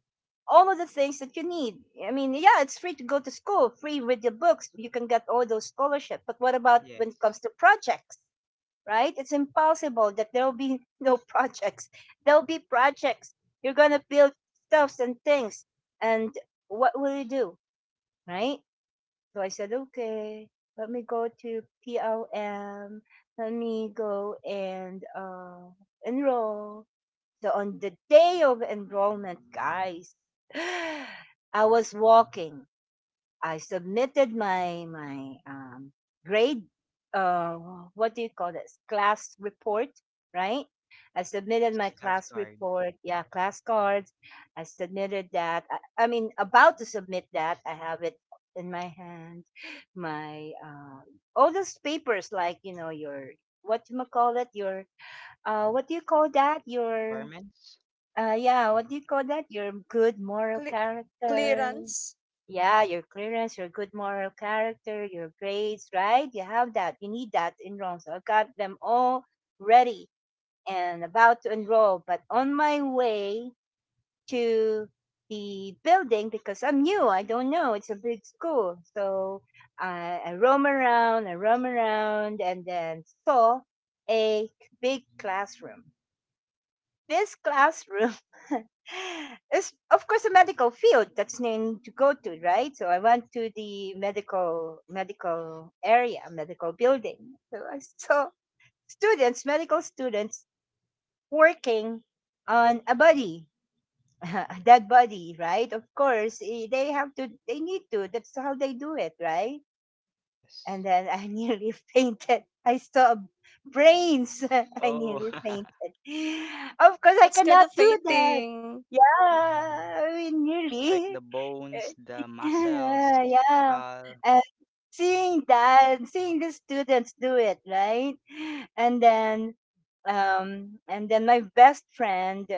A: all of the things that you need. I mean, yeah, it's free to go to school, free with your books. You can get all those scholarships. But what about when it comes
B: Yes.
A: to projects, right? It's impossible that there will be no projects. There'll be projects. You're going to build stuffs and things. And what will you do, right?" So I said, okay, let me go to P L M. Let me go and uh, enroll. So on the day of enrollment, guys, I was walking. I submitted my my um, grade. Uh, what do you call this? Class report, right? I submitted
B: Yes.
A: my
B: Last
A: class
B: card.
A: report. Yeah, class cards. I submitted that. I, I mean, about to submit that. I have it in my hand. My uh, all those papers, like you know, your what you call it, your uh, what do you call that? Your
B: Requirements?
A: uh, yeah, what do you call that? Your good moral
C: Cle-
B: Yes.
A: character.
C: Clearance.
A: Yeah, your clearance, your good moral character, your grades, right? You have that. You need that in Rome. So I got them all ready and about to enroll. But on my way to the building, because I'm new, I don't know. It's a big school. So I, I roam around, I roam around, and then saw a big classroom, this classroom is, of course, a medical field that's named to go to, right? So I went to the medical medical area, medical building. So I saw students, medical students, working on a body, a dead body, right? Of course, eh, they have to, they need to. That's how they do it, right? And
B: Yes.
A: then I nearly fainted. I saw brains. I
B: Oh,
A: nearly fainted. Of course, I
C: That's kind
A: cannot
C: of
A: do that.
C: fainting.
A: Yeah, I mean,
B: like
A: nearly.
B: the bones, the muscles,
A: Yeah, yeah.
B: skull.
A: And seeing that, seeing the students do it, right? And then, um, and then my best friend,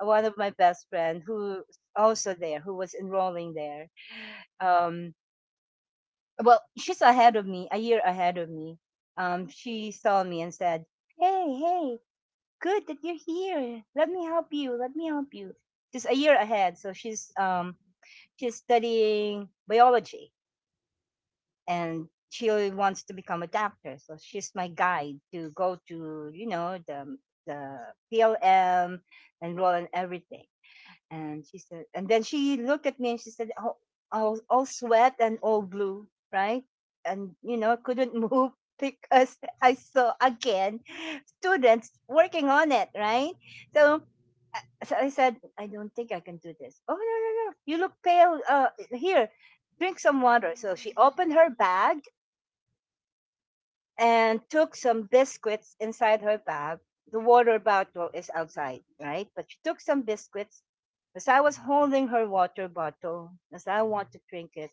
A: one of my best friend, who also there, who was enrolling there, um, well, she's ahead of me, a year ahead of me. Um, she saw me and said, "Hey, hey, good that you're here. Let me help you. Let me help you." She's a year ahead, so she's um, she's studying biology, and she wants to become a doctor. So she's my guide to go to, you know, the the P L M, enroll in everything. And she said, and then she looked at me and she said, all, all, all sweat and all blue, right? And, you know, couldn't move because I saw again students working on it, right? So, so I said, I don't think I can do this. Oh, no, no, no. You look pale. Uh, here, drink some water. So she opened her bag and took some biscuits inside her bag. The water bottle is outside, right? But she took some biscuits. As I was holding her water bottle, as I want to drink it,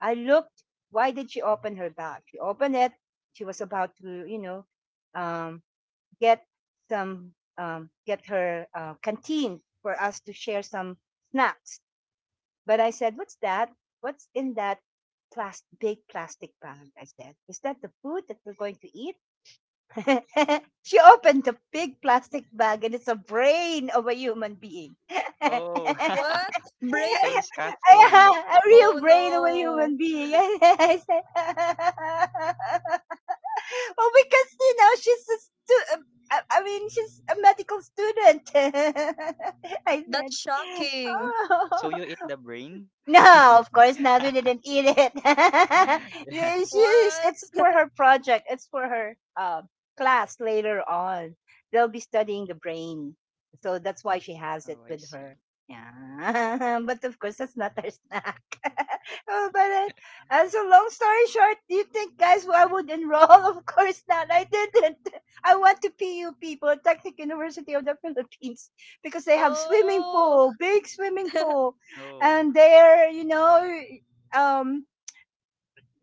A: I looked. Why did she open her bag? She opened it. She was about to, you know, um, get some, um, get her uh, canteen for us to share some snacks. But I said, "What's that? What's in that plastic, big plastic bag?" I said, "Is that the food that we're going to eat?" She opened the big plastic bag and it's a brain of a human being.
B: Oh,
C: What?
B: that's so
C: Brain?
A: Yeah,
B: disgusting.
A: a
C: Oh
A: real brain of a
C: no.
A: human being. I said, well, because, you know, she's a stu- um, I I mean, she's a medical student. I
C: That's
A: said,
C: shocking.
A: oh.
B: So you eat the brain?
A: No, of course not. We didn't eat it.
B: Yeah.
A: Yeah, she's-
C: What?
A: it's for her project. It's for her um, class later on. They'll be studying the brain. So that's why she has it
B: Oh, I
A: with her.
B: see.
A: Yeah. But of course, that's not her snack. Oh, but uh, as a long story short, do you think, guys, I would enroll? Of course not. I didn't. I went to P U people, Technic University of the Philippines, because they have swimming
C: Oh.
A: pool, big swimming pool
B: Oh,
A: and there, you know, um,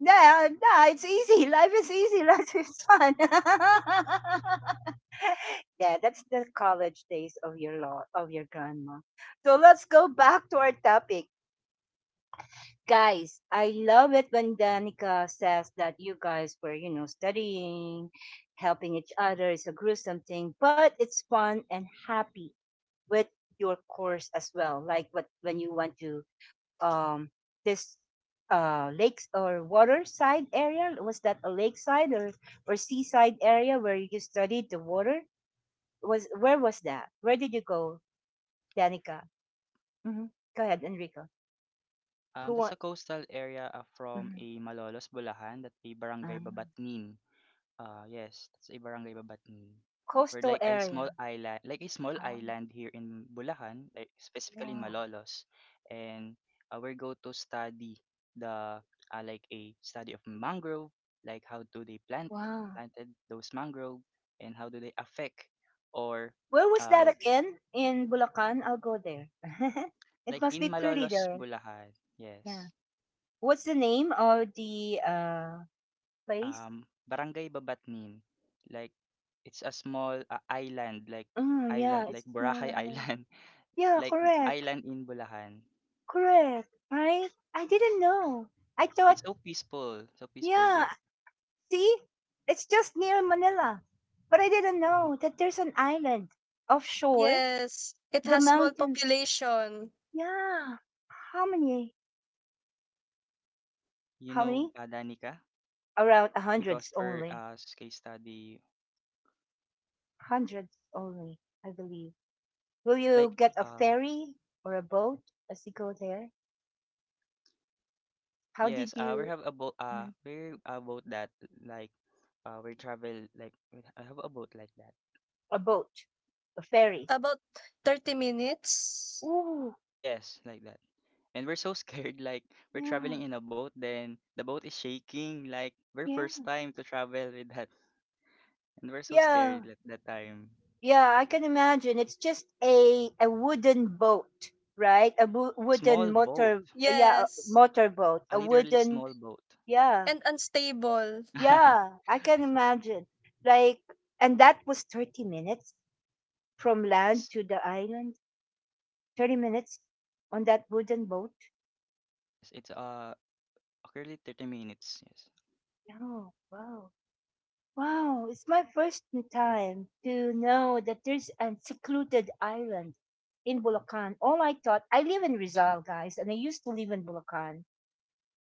A: yeah, yeah, it's easy. Life is easy. Life is fun. Yeah, that's the college days of your law of your grandma. So let's go back to our topic, guys. I love it when Danica says that you guys were, you know, studying, helping each other. It's a gruesome thing, but it's fun and happy with your course as well. Like, what when you want to um this uh lakes or waterside area. Was that a lakeside or or seaside area where you studied the water was? Where was that? Where did you go, Danica? Hmm. Go ahead, Enrico.
B: um,
A: Who
B: that's a
A: want?
B: coastal area uh, from
A: Mhm.
B: a Malolos, Bulacan, that a barangay
A: Um,
B: Babatnin. Uh, yes, that's a barangay Babatnin. We're
A: Coastal
B: like a
A: area.
B: small island, like a small
A: Oh,
B: island here in Bulacan, like specifically in
A: wow,
B: Malolos, and uh, we go to study the uh, like a study of mangrove, like how do they plant
A: wow.
B: planted those mangrove, and how do they affect, or
A: Where was that
B: uh, l-
A: again in Bulacan? I'll go there. It
B: like
A: must be
B: in
A: pretty
B: Malolos,
A: there.
B: Bulacan,
A: Yeah,
B: yes,
A: what's the name of the uh place?
B: um, barangay Babatnin, like it's a small uh, island, like
A: Oh
B: island,
A: yeah,
B: like
A: it's a small
B: Boracay
A: island.
B: Island.
A: Yeah,
B: Like
A: correct.
B: island in Bulacan.
A: Correct. Right? I didn't know. I thought,
B: It's so peaceful, so peaceful
A: yeah,
B: there.
A: see? It's just near Manila. But I didn't know that there's an island offshore,
C: Yes. It
A: the
C: has small
A: mountains.
C: population.
A: Yeah. How many?
B: You
A: How
B: know,
A: many?
B: uh, Danica,
A: Around a
B: because
A: hundreds
B: we're
A: only.
B: uh s- case study
A: Hundreds only, I believe. Will you
B: like
A: get a
B: uh
A: ferry or a boat as you go there? How did
B: yes, uh we
A: you,
B: have a boat, uh
A: mm,
B: we're a boat that like uh we travel like we h- I have a boat like that.
A: a boat, a ferry?
C: About thirty minutes.
A: Ooh,
B: Yes, like that. And we're so scared, like we're
A: yeah,
B: traveling in a boat, then the boat is shaking, like we're
A: yeah.
B: first time to travel with that, and we're so scared
A: Yeah,
B: at that time.
A: yeah, I can imagine. It's just a a wooden boat, right? A wo-
B: A small
A: wooden
B: boat,
A: motor, yeah, a
C: Yes.
A: motor boat.
B: a
A: A
B: literally
A: wooden,
B: small boat.
A: yeah,
C: And unstable.
A: yeah. I can imagine. Like, and that was thirty minutes from land
B: Yes.
A: to the island. Thirty minutes on that wooden boat.
B: Yes, it's uh currently thirty minutes. Yes.
A: Yeah, wow, wow. It's my first time to know that there's a secluded island in Bulacan. All I thought, I live in Rizal, guys, and I used to live in Bulacan.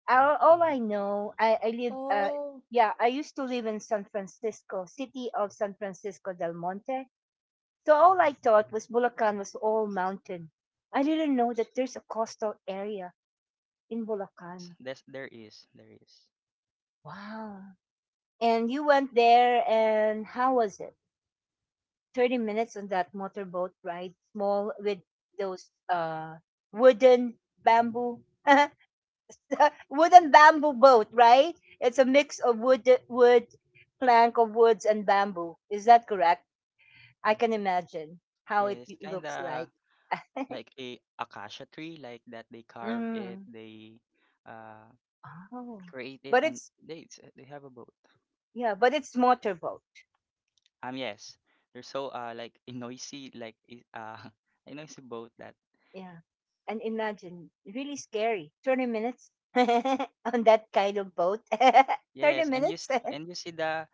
A: All, all I know, I, I live, uh,
C: Oh,
A: yeah, I used to live in San Francisco, city of San Francisco del Monte. So all I thought was Bulacan was all mountain. I didn't know that there's a coastal area in
B: Yes,
A: Bulacan.
B: there's there is, there is.
A: Wow. And you went there, and how was it? thirty minutes on that motorboat ride, small with those uh, wooden bamboo uh, wood and bamboo boat, right? It's a mix of wood, wood, plank of woods and bamboo. Is that correct? I can imagine how
B: Yeah,
A: it
B: it's kind
A: looks
B: of
A: like.
B: like a acacia tree like that they carve it,
A: Mm.
B: they uh
A: Oh,
B: create it,
A: but
B: and
A: it's,
B: they it's, uh, they have a boat.
A: yeah, but it's motorboat.
B: Um yes. They're so uh like a noisy, like i- uh a noisy boat that.
A: Yeah, and imagine really scary. Twenty minutes on that kind of boat. Thirty
B: Yes, and you
A: minutes.
B: s- and you see the.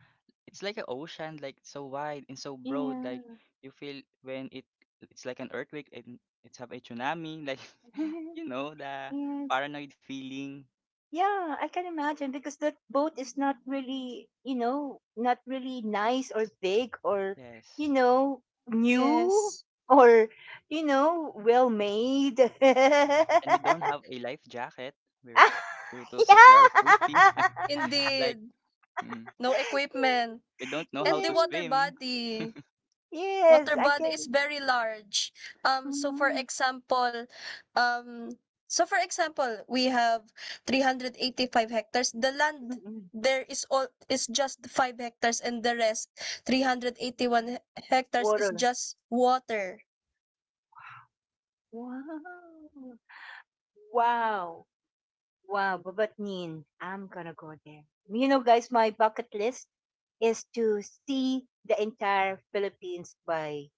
B: It's like an ocean, like so wide and so broad. Like
A: Yeah.
B: you feel when it it's like an earthquake, and it's have a tsunami. Like you know the
A: Yes.
B: paranoid feeling.
A: Yeah, I can imagine because that boat is not really, you know, not really nice or big or, you
B: Yes,
A: know, new
C: yes.
A: or, you know, well made.
B: and we don't
A: Yeah.
B: have a life jacket. We're to, to secure our safety. Like
C: Indeed.
B: mm,
C: No equipment.
B: we don't know how
C: And
B: to
C: the
A: Yes,
C: water
B: swim.
C: body.
A: yes,
C: Water
A: I
C: body is
A: can.
C: very large. Um so for
A: Mm,
C: example, um so for example, we have three hundred eighty-five hectares. The
A: mm,
C: land
A: mm.
C: there is all is just five hectares, and the rest three hundred eighty-one he- hectares is
A: Water.
C: just water.
A: Wow. Wow. Wow, Babatnin. I'm gonna go there. You know, guys, my bucket list is to see the entire Philippines by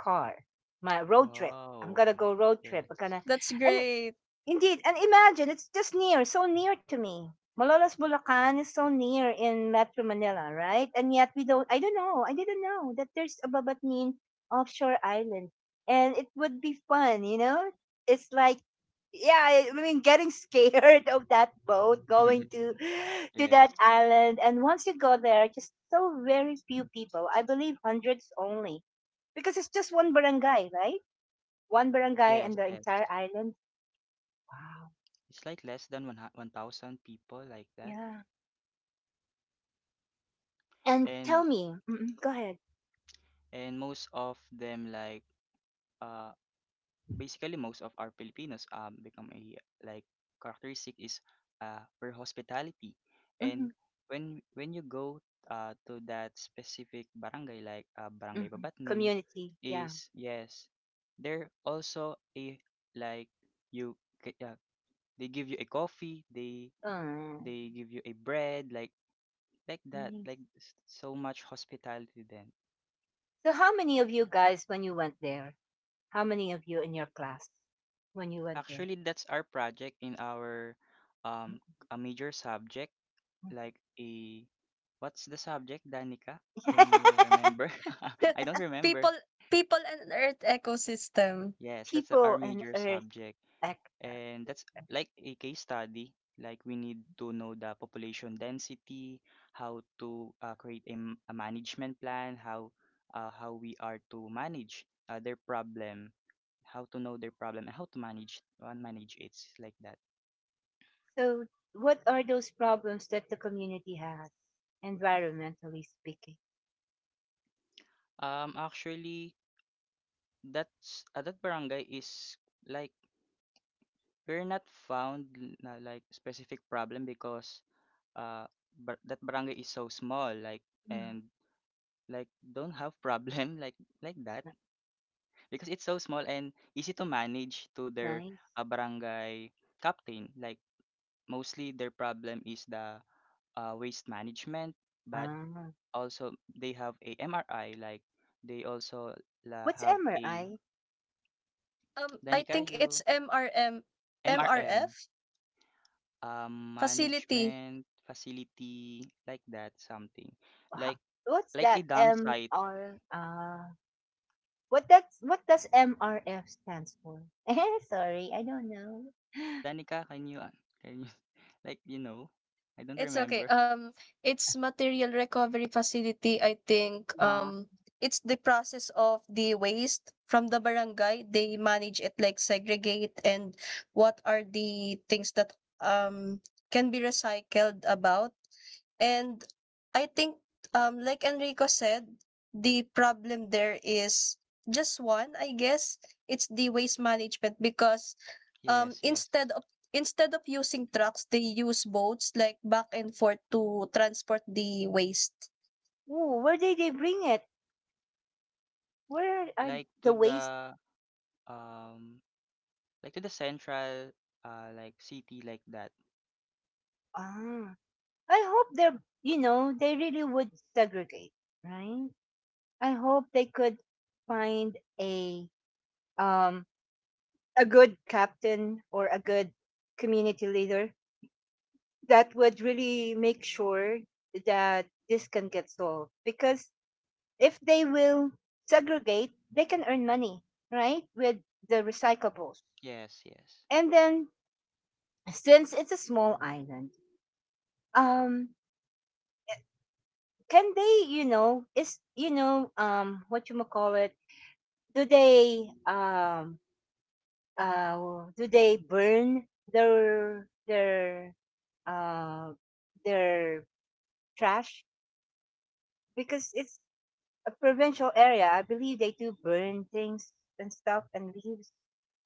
A: car. My road trip.
B: Wow.
A: I'm gonna go road trip.
B: Yes.
A: I'm gonna,
C: That's
A: and
C: great.
A: indeed, and imagine it's just near, so near to me. Malolos Bulacan is so near in Metro Manila, right? And yet we don't. I don't know. I didn't know that there's a Babatnin offshore island, and it would be fun, you know. It's like, yeah, I I mean, getting scared of that boat going to to that
B: Yes.
A: island, and once you go there, just so very few people. I believe hundreds only, because it's just one barangay, right? One barangay
B: Yes,
A: and the
B: yes.
A: entire island. Wow.
B: It's like less than one 1,000 people like that.
A: Yeah. And
B: And
A: tell me, mm go ahead.
B: and most of them like uh basically most of our Filipinos um become a like characteristic is uh for hospitality,
A: Hmm,
B: and when when you go uh to that specific barangay, like uh, barangay
A: hmm.
B: Babatnin
A: Community, yeah.
B: is, yes, they're also a like you ca- uh, they give you a coffee, they
A: Uh,
B: they give you a bread like like that,
A: Nice.
B: like s- so much hospitality then.
A: So, how many of you guys, when you went there, how many of you in your class when you went there?
B: Actually, that's our project in our
A: Mhm.
B: um a major subject, like a. What's the subject, Danica? Can you remember? I don't remember.
C: people people and earth ecosystem.
B: Yes, that's our
A: People and
B: major
A: Earth
B: subject.
A: factor.
B: And that's like a case study. Like we need to know the population density, how to uh, create a, m- a management plan, how uh, how we are to manage uh, their problem, how to know their problem, and how to manage and manage it like that.
A: So, what are those problems that the community has, environmentally speaking?
B: Um, actually, that's uh, that barangay is like we're not found l- na like specific problem because uh but that barangay is so small, like,
A: Mm.
B: and like don't have problem, like like that,
A: N-
B: because it's so small and easy to manage to their
A: Nice.
B: uh, barangay captain, like mostly their problem is the uh, waste management, but
A: Ah.
B: also they have a M R I, like they also la
A: What's
B: have a
A: M R I?
C: Um I
B: Danica,
C: think
B: you
C: it's M R M
B: M R M,
C: M R F
B: um,
C: facility.
B: management, facility, like that, something. Like
A: Ho- What's
B: like a
A: that?
B: dump site.
A: M R I. What does what does M R F stands for? Eh, sorry, I don't know.
B: Go, Danica, can you uh, can you like you know? I don't
C: It's
B: remember.
C: okay. Um, it's material recovery facility. I think,
A: Wow.
C: um, it's the process of the waste from the barangay. They manage it like segregate, and what are the things that um can be recycled about. And I think, um, like Enrico said, the problem there is just one, I guess. It's the waste management because um
B: Yes, yes.
C: instead of instead of using trucks, they use boats like back and forth to transport the waste.
A: Ooh, where did they bring it? Where are
B: Like
A: the
B: to
A: waste?
B: the um like to the central uh like city like that.
A: Ah, I hope they're, you know they really would segregate, right? I hope they could find a um a good captain or a good community leader that would really make sure that this can get solved because if they will segregate, they can earn money, right? With the recyclables.
B: Yes, yes.
A: And then, since it's a small island, um, can they, you know, is, you know, um what you call it? Do they um uh do they burn their their uh their trash? Because it's a provincial area, I believe they do burn things and stuff and leaves.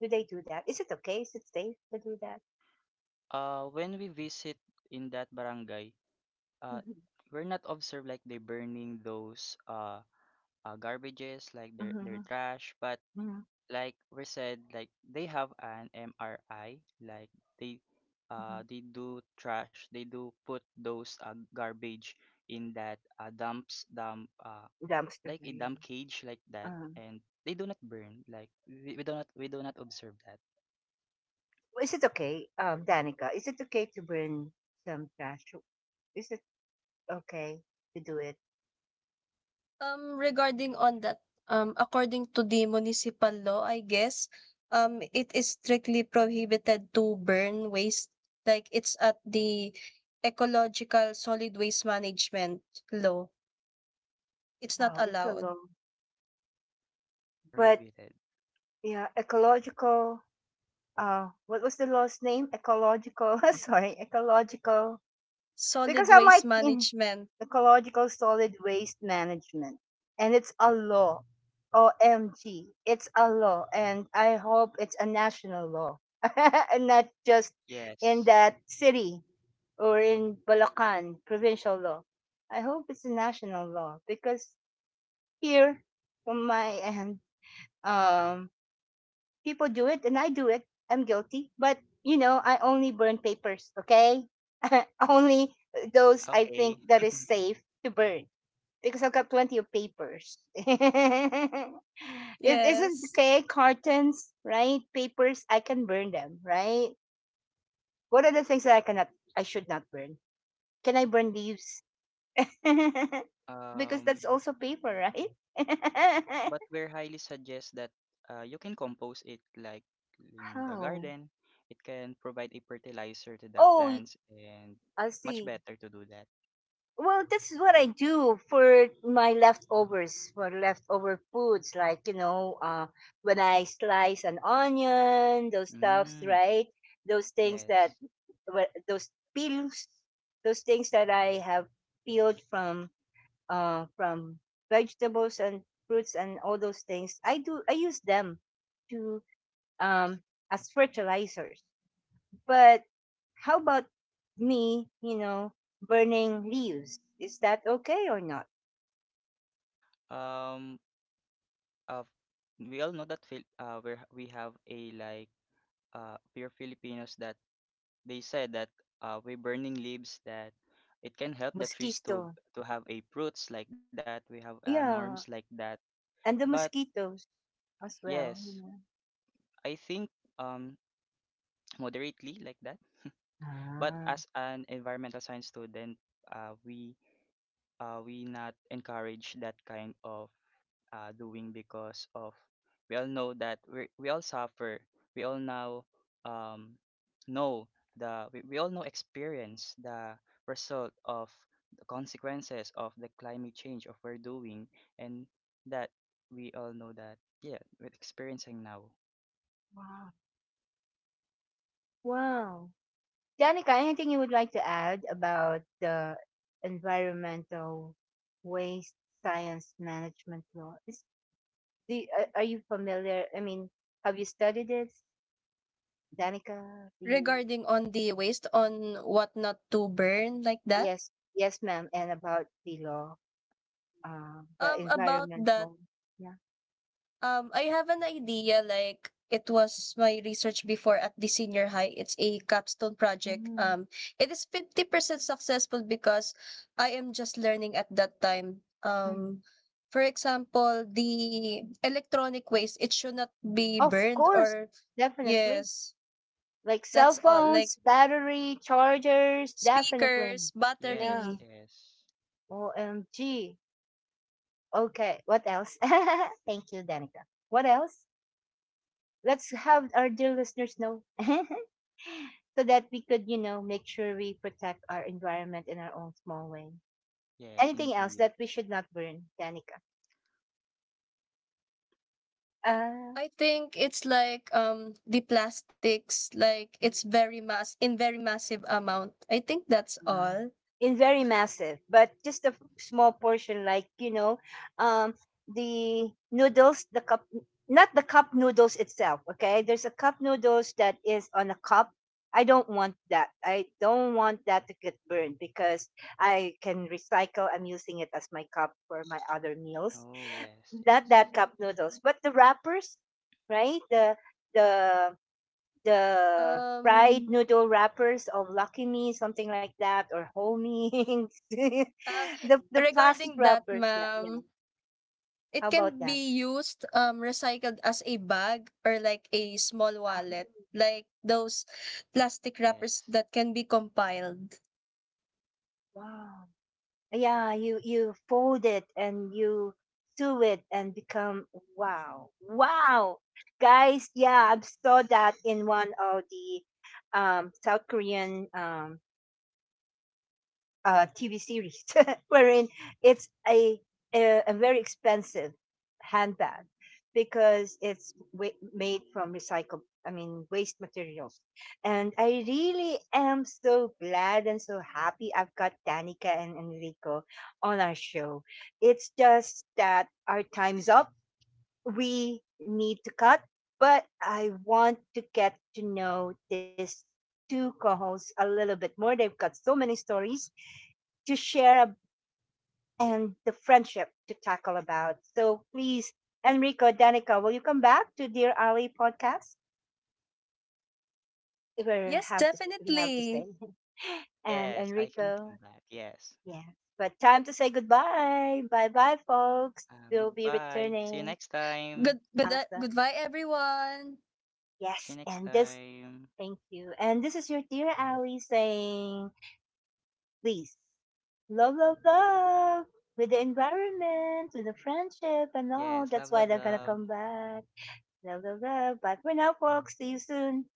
A: Do they do that? Is it okay? Is it safe to do that?
B: Uh when we visit in that barangay, uh
A: Mm-hmm.
B: we're not observed like they burning those uh, uh garbages like their their trash, but
A: Mm-hmm.
B: like we said like they have an M R I, like they
A: Mm-hmm.
B: uh they do trash, they do put those uh, garbage in that uh, dumps dump uh
A: Dumpster
B: like a
A: burning.
B: dump cage like that,
A: Um,
B: and they do not burn, like we, we do not we do not observe that.
A: well, is it okay, um, Danica? Is it okay to burn some trash? Is it okay to do it?
C: Um, regarding on that, um, according to the municipal law, I guess, um, it is strictly prohibited to burn waste. Like it's at the ecological solid waste management law. It's not
A: Wow, it's a law.
C: allowed.
B: Yes, it's
A: But
B: prohibited.
A: yeah, ecological. Uh, what was the law's name? Ecological. Sorry, ecological because
C: Solid
A: I'm
C: waste
A: like in
C: management.
A: ecological solid waste management, and it's a law. O M G, it's a law, and I hope it's a national law, and not just in
B: Yes.
A: that city or in Bulacan provincial law. I hope it's a national law because here, from my end, um, people do it and I do it. I'm guilty. But, you know, I only burn papers, okay? Only those I think
B: Okay.
A: that is safe to burn because I've got plenty of papers. It isn't
C: Yes.
A: okay, cartons, right? Papers, I can burn them, right? What are the things that I cannot, I should not burn? Can I burn leaves? Because
B: um
A: that's also paper, right?
B: But we're highly suggest that uh, you can compose it like in the
A: How?
B: garden. It can provide a fertilizer to the
A: Oh,
B: plants, and
A: I
B: much
A: see.
B: better to do that.
A: Well, this is what I do for my leftovers, for leftover foods, like, you know, uh, when I slice an onion, those stuffs,
B: Mm,
A: right? Those things
B: yes.
A: that, wha- those peels, those things that I have peeled from, uh, from vegetables and fruits and all those things. I do, I use them to, um, as fertilizers. But how about me, you know, burning leaves? Is that okay or not?
B: Um, uh, we all know that Phil- uh, we we have a like uh, pure Filipinos that they said that uh, we burning leaves, that it can help the trees to
A: Mosquito.
B: to have a fruits like that. We have uh, norms like
A: Yeah.
B: that.
A: And the
B: But
A: mosquitoes as well,
B: yes,
A: you know.
B: I think um moderately like that. But
A: Ah.
B: as an environmental science student, uh, we uh, we not encourage that kind of uh, doing, because of we all know that we we all suffer. We all now um, know the we, we all know experience the result of the consequences of the climate change of we're doing, and that we all know that yeah, we're experiencing now.
A: Wow. Wow. Danica, anything you would like to add about the environmental waste science management law? Is the uh, are you familiar? I mean, have you studied it, Danica? Do you?
C: Regarding on the waste on what not to burn, like that.
A: Yes, yes, ma'am. And about the law. Uh, the
C: Um, about that.
A: environmental. Yeah.
C: Um, I have an idea, like it was my research before at the senior high. It's a capstone project.
A: Mhm,
C: Um, it is fifty percent successful because I am just learning at that time. Um,
A: mhm.
C: for example, the electronic waste, it should not be
A: Of
C: burned,
A: course,
C: or
A: definitely.
C: yes,
A: Like cell
C: that's all. Like
A: phones, battery, chargers,
C: speakers,
A: definitely.
B: Yes,
A: Yeah.
C: battery.
B: yes,
A: O M G. Okay. What else? Thank you, Danica. What else? Let's have our dear listeners know so that we could, you know, make sure we protect our environment in our own small way.
B: yes,
A: Anything else
B: indeed.
A: that we should not burn, Danica? Uh,
C: I think it's like um the plastics, like it's very mass in very massive amount. I think that's
A: Uh,
C: all.
A: in very massive, but just a f- small portion, like, you know, um, the noodles, the cup, not the cup noodles itself. Okay, there's a cup noodles that is on a cup. I don't want that. I don't want that to get burned because I can recycle. I'm using it as my cup for my other meals.
B: Oh, yes,
A: Not that
B: yes.
A: cup noodles, but the wrappers, right? The the the fried
C: Um,
A: noodle wrappers of Lucky Me, something like that, or Homings.
C: uh,
A: the the plastic
C: Regarding that,
A: wrappers. That, yeah.
C: ma'am,
A: How
C: it
A: about
C: can
A: that?
C: be used, um, recycled as a bag or like a small wallet, like those plastic wrappers
B: Yes.
C: that can be compiled.
A: Wow. Yeah, you you fold it and you sew it and become wow, wow, guys. Yeah, I saw that in one of the um, South Korean um, uh, T V series, wherein it's a, a a very expensive handbag because it's wa- made from recycled, I mean, waste materials. And I really am so glad and so happy I've got Danica and Enrico on our show. It's just that our time's up. We need to cut, but I want to get to know this two co-hosts a little bit more. They've got so many stories to share ab- and the friendship to tackle about. So please, Enrico, Danica, will you come back to Dear Ali podcast? If we
C: Yes,
A: have to, we have to
C: definitely.
A: say. And
B: Yes, I can
A: Enrico,
B: come back. Yes.
A: yeah. But time to say goodbye. Bye bye, folks.
B: Um,
A: We'll be
B: goodbye. See you next
A: returning.
B: time.
C: Good, good, uh,
A: Awesome.
C: goodbye, everyone.
B: See you
A: Yes.
B: next
A: And this,
B: time.
A: thank you. And this is your dear Ali saying, please, love, love, love with the environment, with the friendship and
B: Yes.
A: all.
B: Love,
A: That's
B: love,
A: why they're going to
B: love.
A: come back. Blah, blah, blah. Bye for now, folks. See you soon.